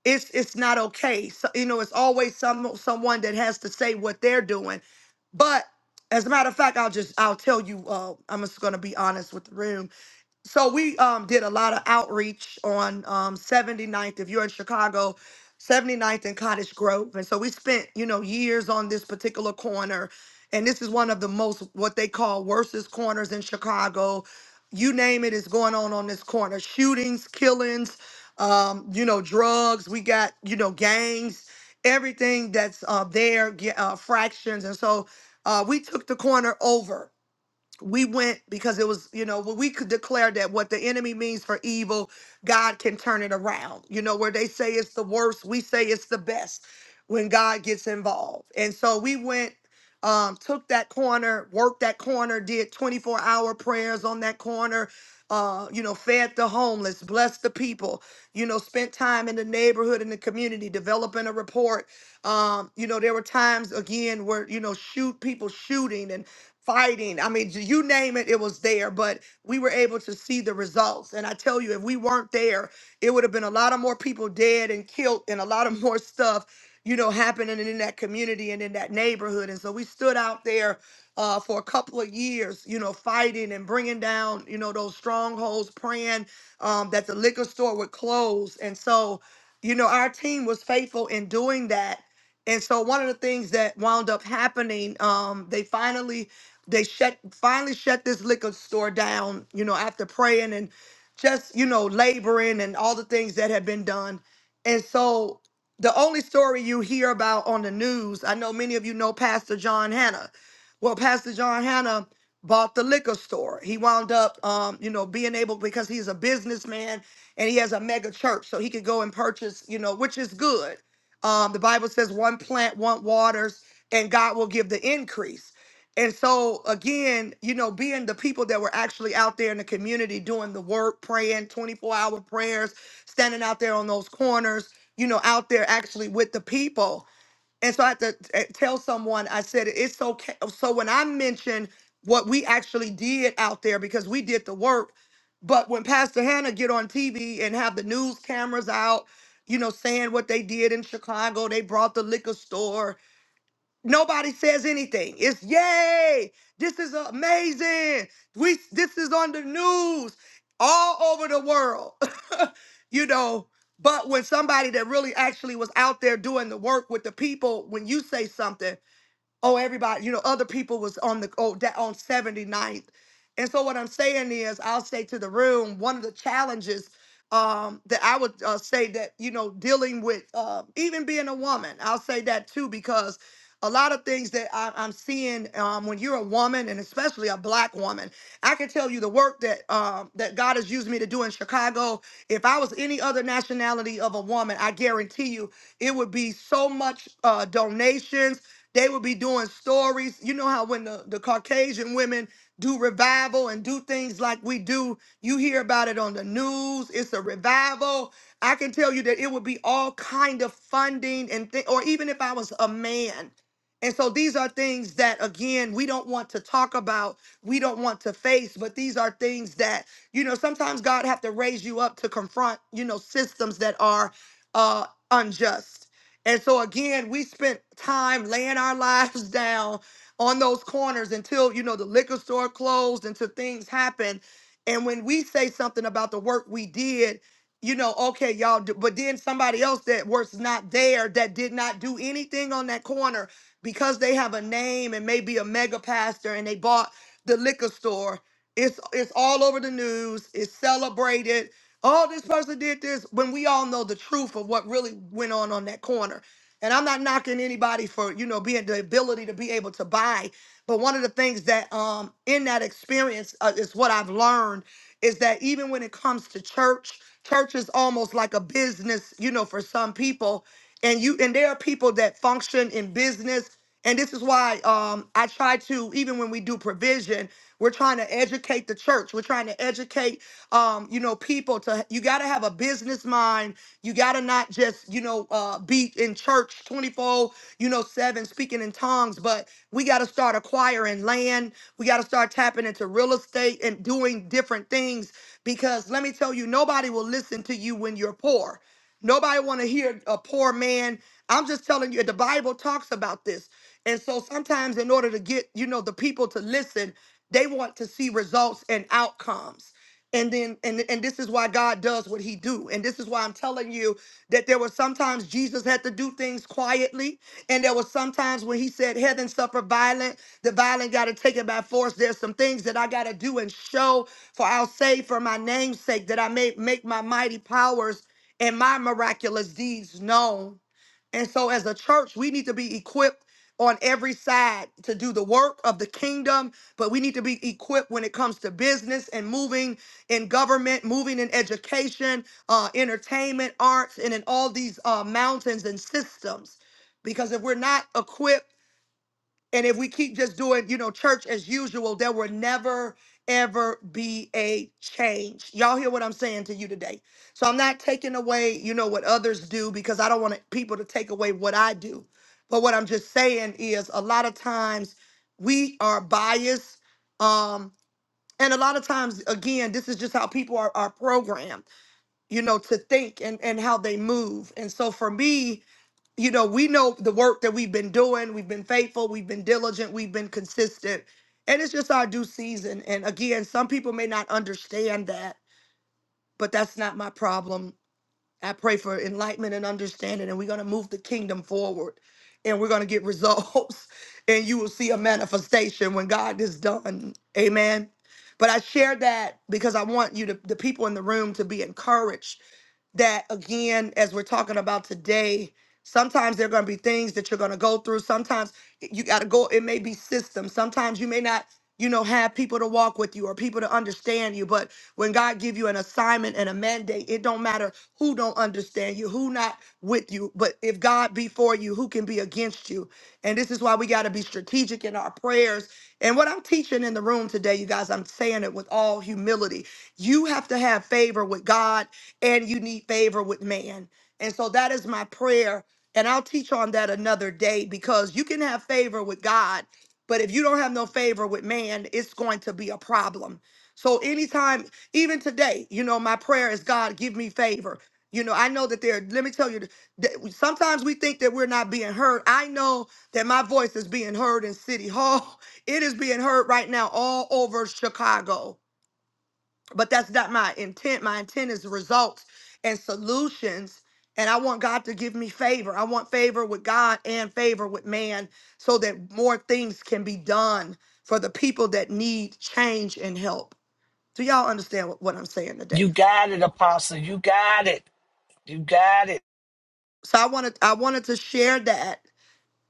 it's it's not okay. So, you know, it's always some someone that has to say what they're doing. But as a matter of fact, I'll just I'll tell you. Uh, I'm just gonna be honest with the room so we um did a lot of outreach on um 79th if you're in chicago 79th and cottage grove and so we spent you know years on this particular corner and this is one of the most what they call worstest corners in chicago you name it is going on on this corner shootings killings um you know drugs we got you know gangs everything that's uh there ge- uh, fractions and so uh we took the corner over we went because it was you know when we could declare that what the enemy means for evil god can turn it around you know where they say it's the worst we say it's the best when god gets involved and so we went um took that corner worked that corner did 24 hour prayers on that corner uh you know fed the homeless blessed the people you know spent time in the neighborhood in the community developing a report um you know there were times again where you know shoot people shooting and fighting. I mean, you name it, it was there, but we were able to see the results. And I tell you, if we weren't there, it would have been a lot of more people dead and killed and a lot of more stuff, you know, happening in that community and in that neighborhood. And so we stood out there uh, for a couple of years, you know, fighting and bringing down, you know, those strongholds, praying um, that the liquor store would close. And so, you know, our team was faithful in doing that. And so, one of the things that wound up happening, um, they finally they shut finally shut this liquor store down, you know, after praying and just, you know, laboring and all the things that had been done. And so the only story you hear about on the news, I know many of you know Pastor John Hanna. Well, Pastor John Hanna bought the liquor store. He wound up um, you know, being able because he's a businessman and he has a mega church. So he could go and purchase, you know, which is good. Um, the Bible says one plant, one waters, and God will give the increase. And so again, you know, being the people that were actually out there in the community doing the work, praying 24-hour prayers, standing out there on those corners, you know, out there actually with the people. And so I had to eh, tell someone, I said, it's okay. So when I mentioned what we actually did out there, because we did the work, but when Pastor Hannah get on TV and have the news cameras out, you know, saying what they did in Chicago, they brought the liquor store, Nobody says anything. It's yay! This is amazing. We this is on the news all over the world, you know. But when somebody that really actually was out there doing the work with the people, when you say something oh everybody you know other people was on the oh that on 79th and so what i'm saying is i'll say to the room one of the challenges um that i would uh, say that you know dealing with uh, even being a woman i'll say that too because a lot of things that I, I'm seeing um, when you're a woman, and especially a black woman, I can tell you the work that um, that God has used me to do in Chicago. If I was any other nationality of a woman, I guarantee you it would be so much uh, donations they would be doing stories. You know how when the, the Caucasian women do revival and do things like we do, you hear about it on the news. It's a revival. I can tell you that it would be all kind of funding and thi- or even if I was a man. And so these are things that again we don't want to talk about, we don't want to face, but these are things that you know sometimes God have to raise you up to confront, you know, systems that are uh unjust. And so again, we spent time laying our lives down on those corners until you know the liquor store closed, until things happened. And when we say something about the work we did, you know, okay, y'all, do, but then somebody else that was not there that did not do anything on that corner because they have a name and maybe a mega pastor and they bought the liquor store. It's it's all over the news. It's celebrated. Oh, this person did this when we all know the truth of what really went on on that corner. And I'm not knocking anybody for, you know, being the ability to be able to buy. But one of the things that um in that experience uh, is what I've learned is that even when it comes to church, church is almost like a business, you know, for some people. And you and there are people that function in business. And this is why um I try to, even when we do provision, we're trying to educate the church. We're trying to educate um, you know, people to to you got to have a business mind. You got to not just, you know, uh be in church 24, you know, 7 speaking in tongues, but we got to start acquiring land. We got to start tapping into real estate and doing different things because let me tell you nobody will listen to you when you're poor. Nobody want to hear a poor man. I'm just telling you the Bible talks about this. And so sometimes in order to get, you know, the people to listen, they want to see results and outcomes and then and and this is why god does what he do and this is why i'm telling you that there were sometimes jesus had to do things quietly and there was sometimes when he said heaven suffer violent the violent got to take it by force there's some things that i got to do and show for i'll say for my name's sake that i may make my mighty powers and my miraculous deeds known and so, as a church, we need to be equipped on every side to do the work of the kingdom, but we need to be equipped when it comes to business and moving in government, moving in education, uh, entertainment, arts, and in all these uh, mountains and systems. Because if we're not equipped, and if we keep just doing, you know, church as usual, there will never, ever be a change. Y'all hear what I'm saying to you today. So I'm not taking away, you know, what others do because I don't want people to take away what I do. But what I'm just saying is a lot of times we are biased. Um, and a lot of times, again, this is just how people are, are programmed, you know, to think and, and how they move. And so for me, you know, we know the work that we've been doing. We've been faithful. We've been diligent. We've been consistent. And it's just our due season. And again, some people may not understand that, but that's not my problem. I pray for enlightenment and understanding, and we're going to move the kingdom forward and we're going to get results. And you will see a manifestation when God is done. Amen. But I share that because I want you to, the people in the room to be encouraged that again as we're talking about today sometimes there are going to be things that you're going to go through sometimes you got to go it may be systems sometimes you may not you know have people to walk with you or people to understand you but when god give you an assignment and a mandate it don't matter who don't understand you who not with you but if god be for you who can be against you and this is why we got to be strategic in our prayers and what i'm teaching in the room today you guys i'm saying it with all humility you have to have favor with god and you need favor with man. And so that is my prayer. And I'll teach on that another day because you can have favor with God, but if you don't have no favor with man, it's going to be a problem. So anytime, even today, you know, my prayer is God, give me favor. You know, I know that there, let me tell you, that sometimes we think that we're not being heard. I know that my voice is being heard in City Hall. It is being heard right now all over Chicago but that's not my intent. My intent is results and solutions. And I want God to give me favor. I want favor with God and favor with man so that more things can be done for the people that need change and help. Do y'all understand what, what I'm saying You today? got it, Apostle. You got it. You got it. So I wanted I wanted to share that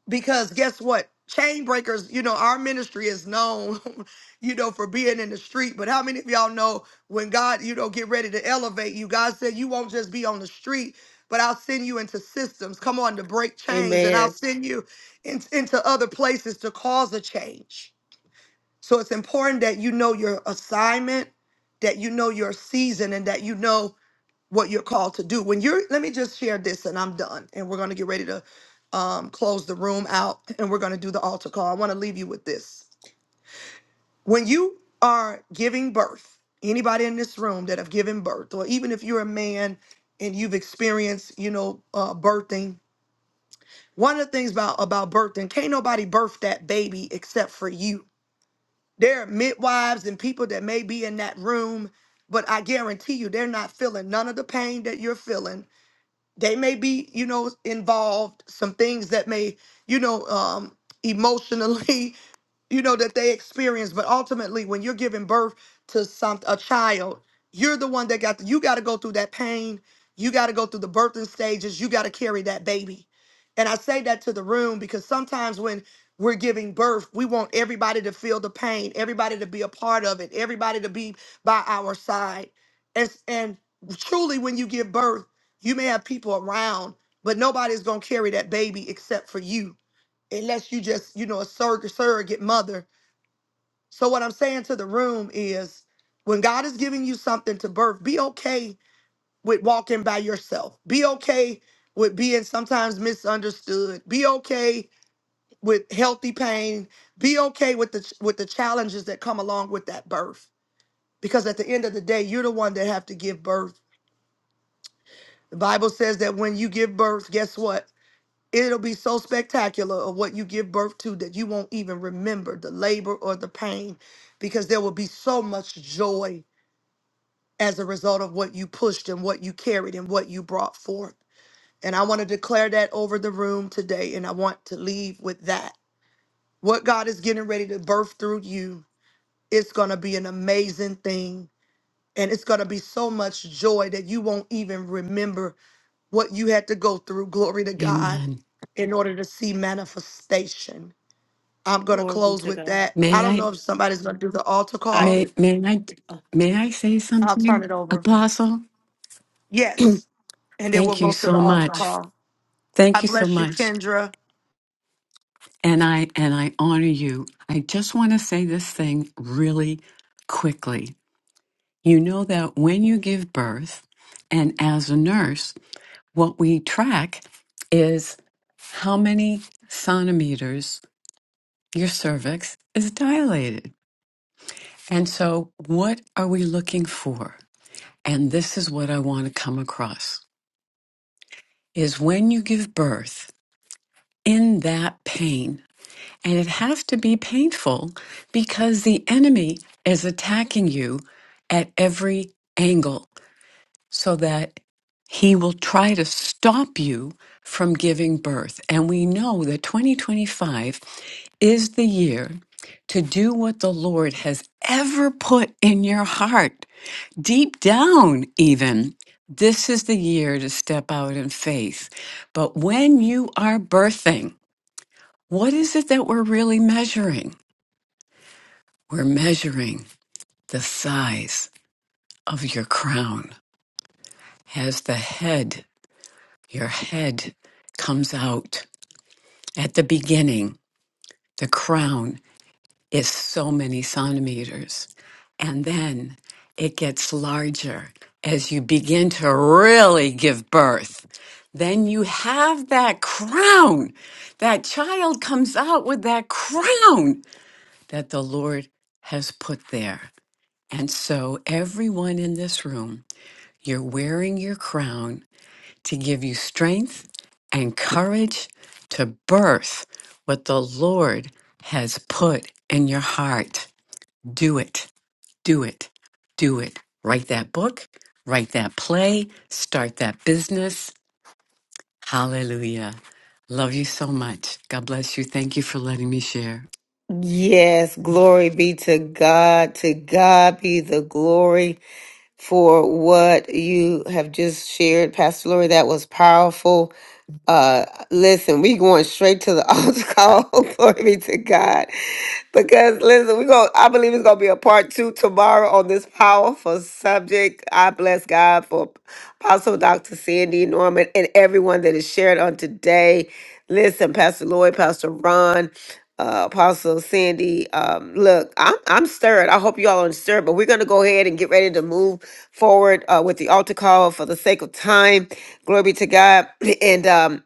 because guess what chain breakers you know our ministry is known you know for being in the street but how many of y'all know when god you know get ready to elevate you god said you won't just be on the street but i'll send you into systems come on to break chains and i'll Amen. send you in- into other places to cause a change so it's important that you know your assignment that you know your season and that you know what you're called to do. When you're, let me just share this and I'm done. And we're going to get ready to um, close the room out and we're going to do the altar call. I want to leave you with this. When you are giving birth, anybody in this room that have given birth, or even if you're a man and you've experienced, you know, uh, birthing, one of the things about, about birthing, can't nobody birth that baby except for you. There are midwives and people that may be in that room, but I guarantee you they're not feeling none of the pain that you're feeling they may be you know involved some things that may you know um emotionally you know that they experience but ultimately when you're giving birth to some a child you're the one that got you got to go through that pain you got to go through the birthing stages you got to carry that baby and i say that to the room because sometimes when we're giving birth we want everybody to feel the pain everybody to be a part of it everybody to be by our side and, and truly when you give birth you may have people around but nobody's going to carry that baby except for you unless you just you know a surrogate surrogate mother so what I'm saying to the room is when God is giving you something to birth, be okay with walking by yourself. Be okay with being sometimes misunderstood. Be okay with healthy pain. Be okay with the with the challenges that come along with that birth. Because at the end of the day, you're the one that have to give birth. The Bible says that when you give birth, guess what? It'll be so spectacular of what you give birth to that you won't even remember the labor or the pain because there will be so much joy as a result of what you pushed and what you carried and what you brought forth. And I want to declare that over the room today. And I want to leave with that. What God is getting ready to birth through you, it's going to be an amazing thing. And it's going to be so much joy that you won't even remember what you had to go through. Glory to God Amen. in order to see manifestation. I'm going to Lord, close with that. I May don't I know if somebody's going to do the altar call. may may I may I say I'll turn something, it over. Apostle? Yes. And then we'll Thank you go to the so altar much. call. Thank I you so bless you, much. Kendra. And I and I honor you. I just want to say this thing really quickly. You know that when you give birth and as a nurse, what we track is how many centimeters your cervix is dilated. And so what are we looking for? and this is what I want to come across is when you give birth in that pain and it has to be painful because the enemy is attacking you at every angle so that he will try to stop you from giving birth and we know that 2025 is the year to do what the Lord has ever put in your heart deep down, even, this is the year to step out in faith. But when you are birthing, what is it that we're really measuring? We're measuring the size of your crown. As the head, your head comes out at the beginning, the crown is so many centimeters. And then it gets larger as you begin to really give birth. Then you have that crown. That child comes out with that crown that the Lord has put there. And so, everyone in this room, you're wearing your crown to give you strength and courage to birth what the Lord has put in your heart. Do it, do it, do it. Write that book, write that play, start that business. Hallelujah. Love you so much. God bless you. Thank you for letting me share. Yes, glory be to God. To God be the glory. for what you have just shared, Pastor Lori. That was powerful. Uh, listen, we going straight to the altar call. Glory be to God. Because listen, we going I believe it's gonna be a part two tomorrow on this powerful subject. I bless God for Apostle Dr. Sandy Norman and everyone that is shared on today. Listen, Pastor Lloyd, Pastor Ron uh, Apostle Sandy. Um, look, I'm I'm stirred. I hope you all are stirred, but we're gonna go ahead and get ready to move forward uh, with the altar call for the sake of time. Glory be to God. And um,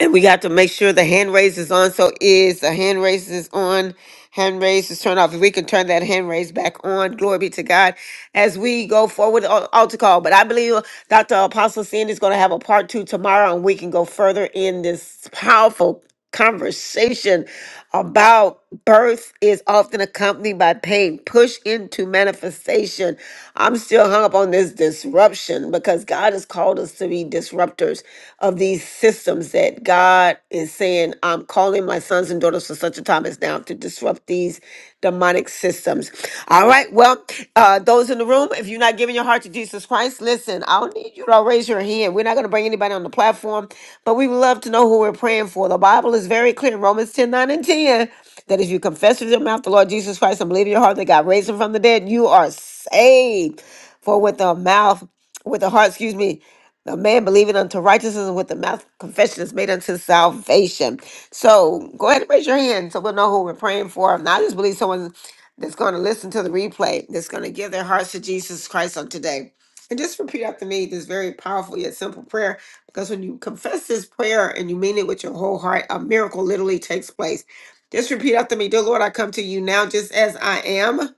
and we got to make sure the hand raise is on. So is the hand raise is on. Hand raise is turned off. If we can turn that hand raise back on, glory be to God as we go forward on altar call. But I believe Dr. Apostle Sandy is going to have a part two tomorrow, and we can go further in this powerful conversation about birth is often accompanied by pain push into manifestation i'm still hung up on this disruption because god has called us to be disruptors of these systems that god is saying i'm calling my sons and daughters for such a time as now to disrupt these demonic systems. All right. Well, uh, those in the room, if you're not giving your heart to Jesus Christ, listen, I don't need you to raise your hand. We're not going to bring anybody on the platform, but we would love to know who we're praying for. The Bible is very clear in Romans 10 9 and 10 that if you confess with your mouth the Lord Jesus Christ and believe in your heart that God raised him from the dead, you are saved. For with the mouth, with the heart, excuse me, the man believing unto righteousness and with the mouth confession is made unto salvation. So go ahead and raise your hand so we'll know who we're praying for. And I just believe someone that's going to listen to the replay, that's going to give their hearts to Jesus Christ on today. And just repeat after me this very powerful yet simple prayer. Because when you confess this prayer and you mean it with your whole heart, a miracle literally takes place. Just repeat after me Dear Lord, I come to you now just as I am.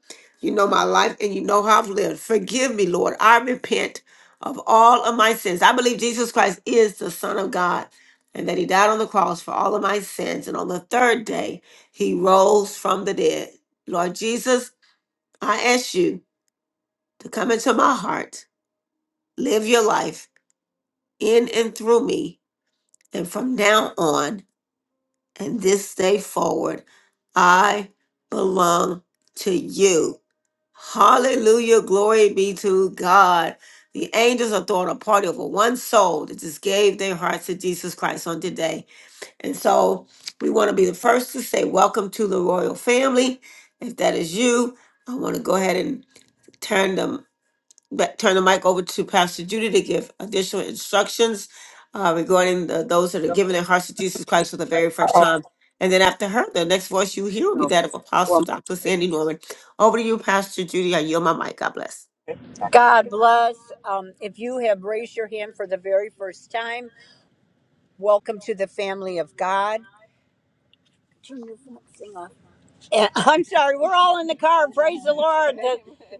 You know my life and you know how I've lived. Forgive me, Lord. I repent of all of my sins. I believe Jesus Christ is the Son of God and that he died on the cross for all of my sins. And on the third day, he rose from the dead. Lord Jesus, I ask you to come into my heart, live your life in and through me. And from now on and this day forward, I belong to you. Hallelujah. Glory be to God. The angels are throwing a party over one soul that just gave their hearts to Jesus Christ on today. And so we want to be the first to say, Welcome to the royal family. If that is you, I want to go ahead and turn the, back- turn the mic over to Pastor Judy to give additional instructions uh, regarding the, those that are giving their hearts to Jesus Christ for the very first time. And then after her, the next voice you hear will be that of Apostle Dr. Sandy Norman. Over to you, Pastor Judy. I yield my mic. God bless. God bless. Um, if you have raised your hand for the very first time, welcome to the family of God. Yeah, I'm sorry. We're all in the car. Praise the Lord. The,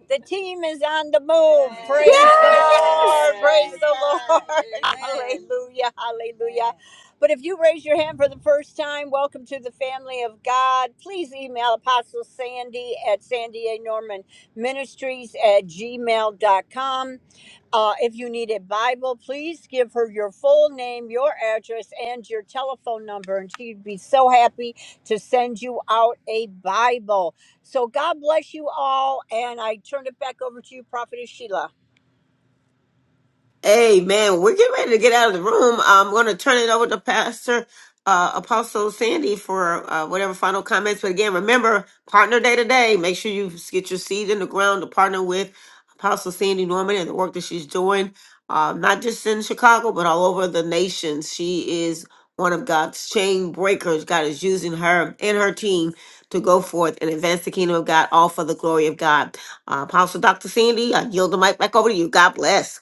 the team is on the move. Praise the Lord. Praise the Lord. Hallelujah. Hallelujah. But if you raise your hand for the first time, welcome to the family of God. Please email Apostle Sandy at Sandy A. Norman Ministries at gmail.com. Uh, if you need a Bible, please give her your full name, your address, and your telephone number, and she'd be so happy to send you out a Bible. So God bless you all, and I turn it back over to you, Prophetess Sheila. Amen. We're getting ready to get out of the room. I'm going to turn it over to Pastor uh, Apostle Sandy for uh, whatever final comments. But again, remember, partner day today. Make sure you get your seed in the ground to partner with Apostle Sandy Norman and the work that she's doing, uh, not just in Chicago, but all over the nation. She is one of God's chain breakers. God is using her and her team to go forth and advance the kingdom of God, all for the glory of God. Uh, Apostle Dr. Sandy, I yield the mic back over to you. God bless.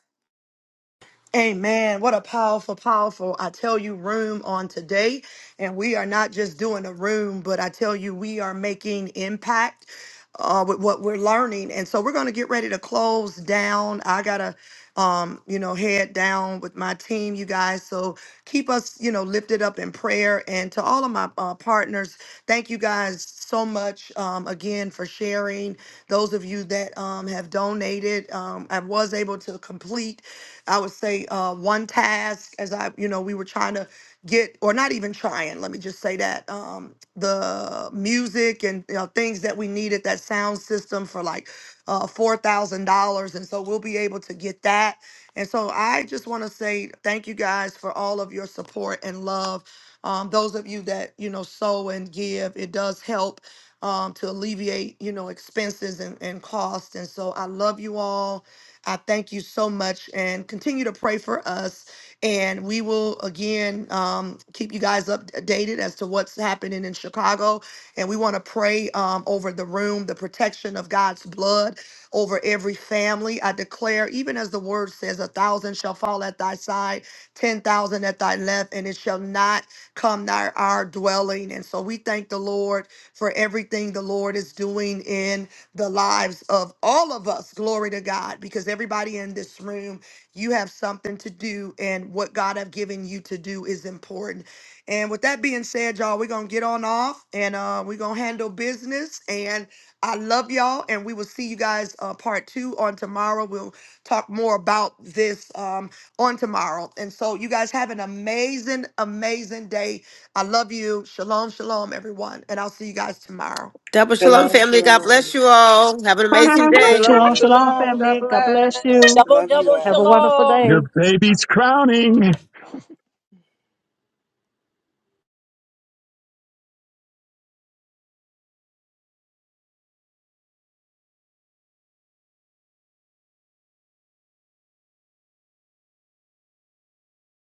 Amen. What a powerful, powerful, I tell you, room on today. And we are not just doing a room, but I tell you, we are making impact uh, with what we're learning. And so we're going to get ready to close down. I got to, um, you know, head down with my team, you guys. So keep us, you know, lifted up in prayer. And to all of my uh, partners, thank you guys so much um, again for sharing. Those of you that um, have donated, um, I was able to complete. I would say uh, one task as I, you know, we were trying to get, or not even trying, let me just say that um, the music and you know, things that we needed, that sound system for like uh, $4,000. And so we'll be able to get that. And so I just want to say thank you guys for all of your support and love. Um, those of you that, you know, sow and give, it does help um, to alleviate, you know, expenses and, and costs. And so I love you all. I thank you so much and continue to pray for us. And we will again um, keep you guys updated as to what's happening in Chicago. And we want to pray um, over the room, the protection of God's blood over every family. I declare, even as the word says, a thousand shall fall at thy side, 10,000 at thy left, and it shall not come nigh our dwelling. And so we thank the Lord for everything the Lord is doing in the lives of all of us. Glory to God, because everybody in this room, you have something to do, and what God have given you to do is important. And with that being said, y'all, we're gonna get on off, and uh, we're gonna handle business. And I love y'all, and we will see you guys uh, part two on tomorrow. We'll talk more about this um, on tomorrow. And so, you guys have an amazing, amazing day. I love you. Shalom, shalom, everyone. And I'll see you guys tomorrow. Double Shalom Shalom, family. God bless shalom. you all. Have an amazing day. Shalom, Shalom, Blessing. shalom, shalom. God family. God bless bless. you. Double, Love you double Have a all. wonderful shalom. day. Your baby's crowning.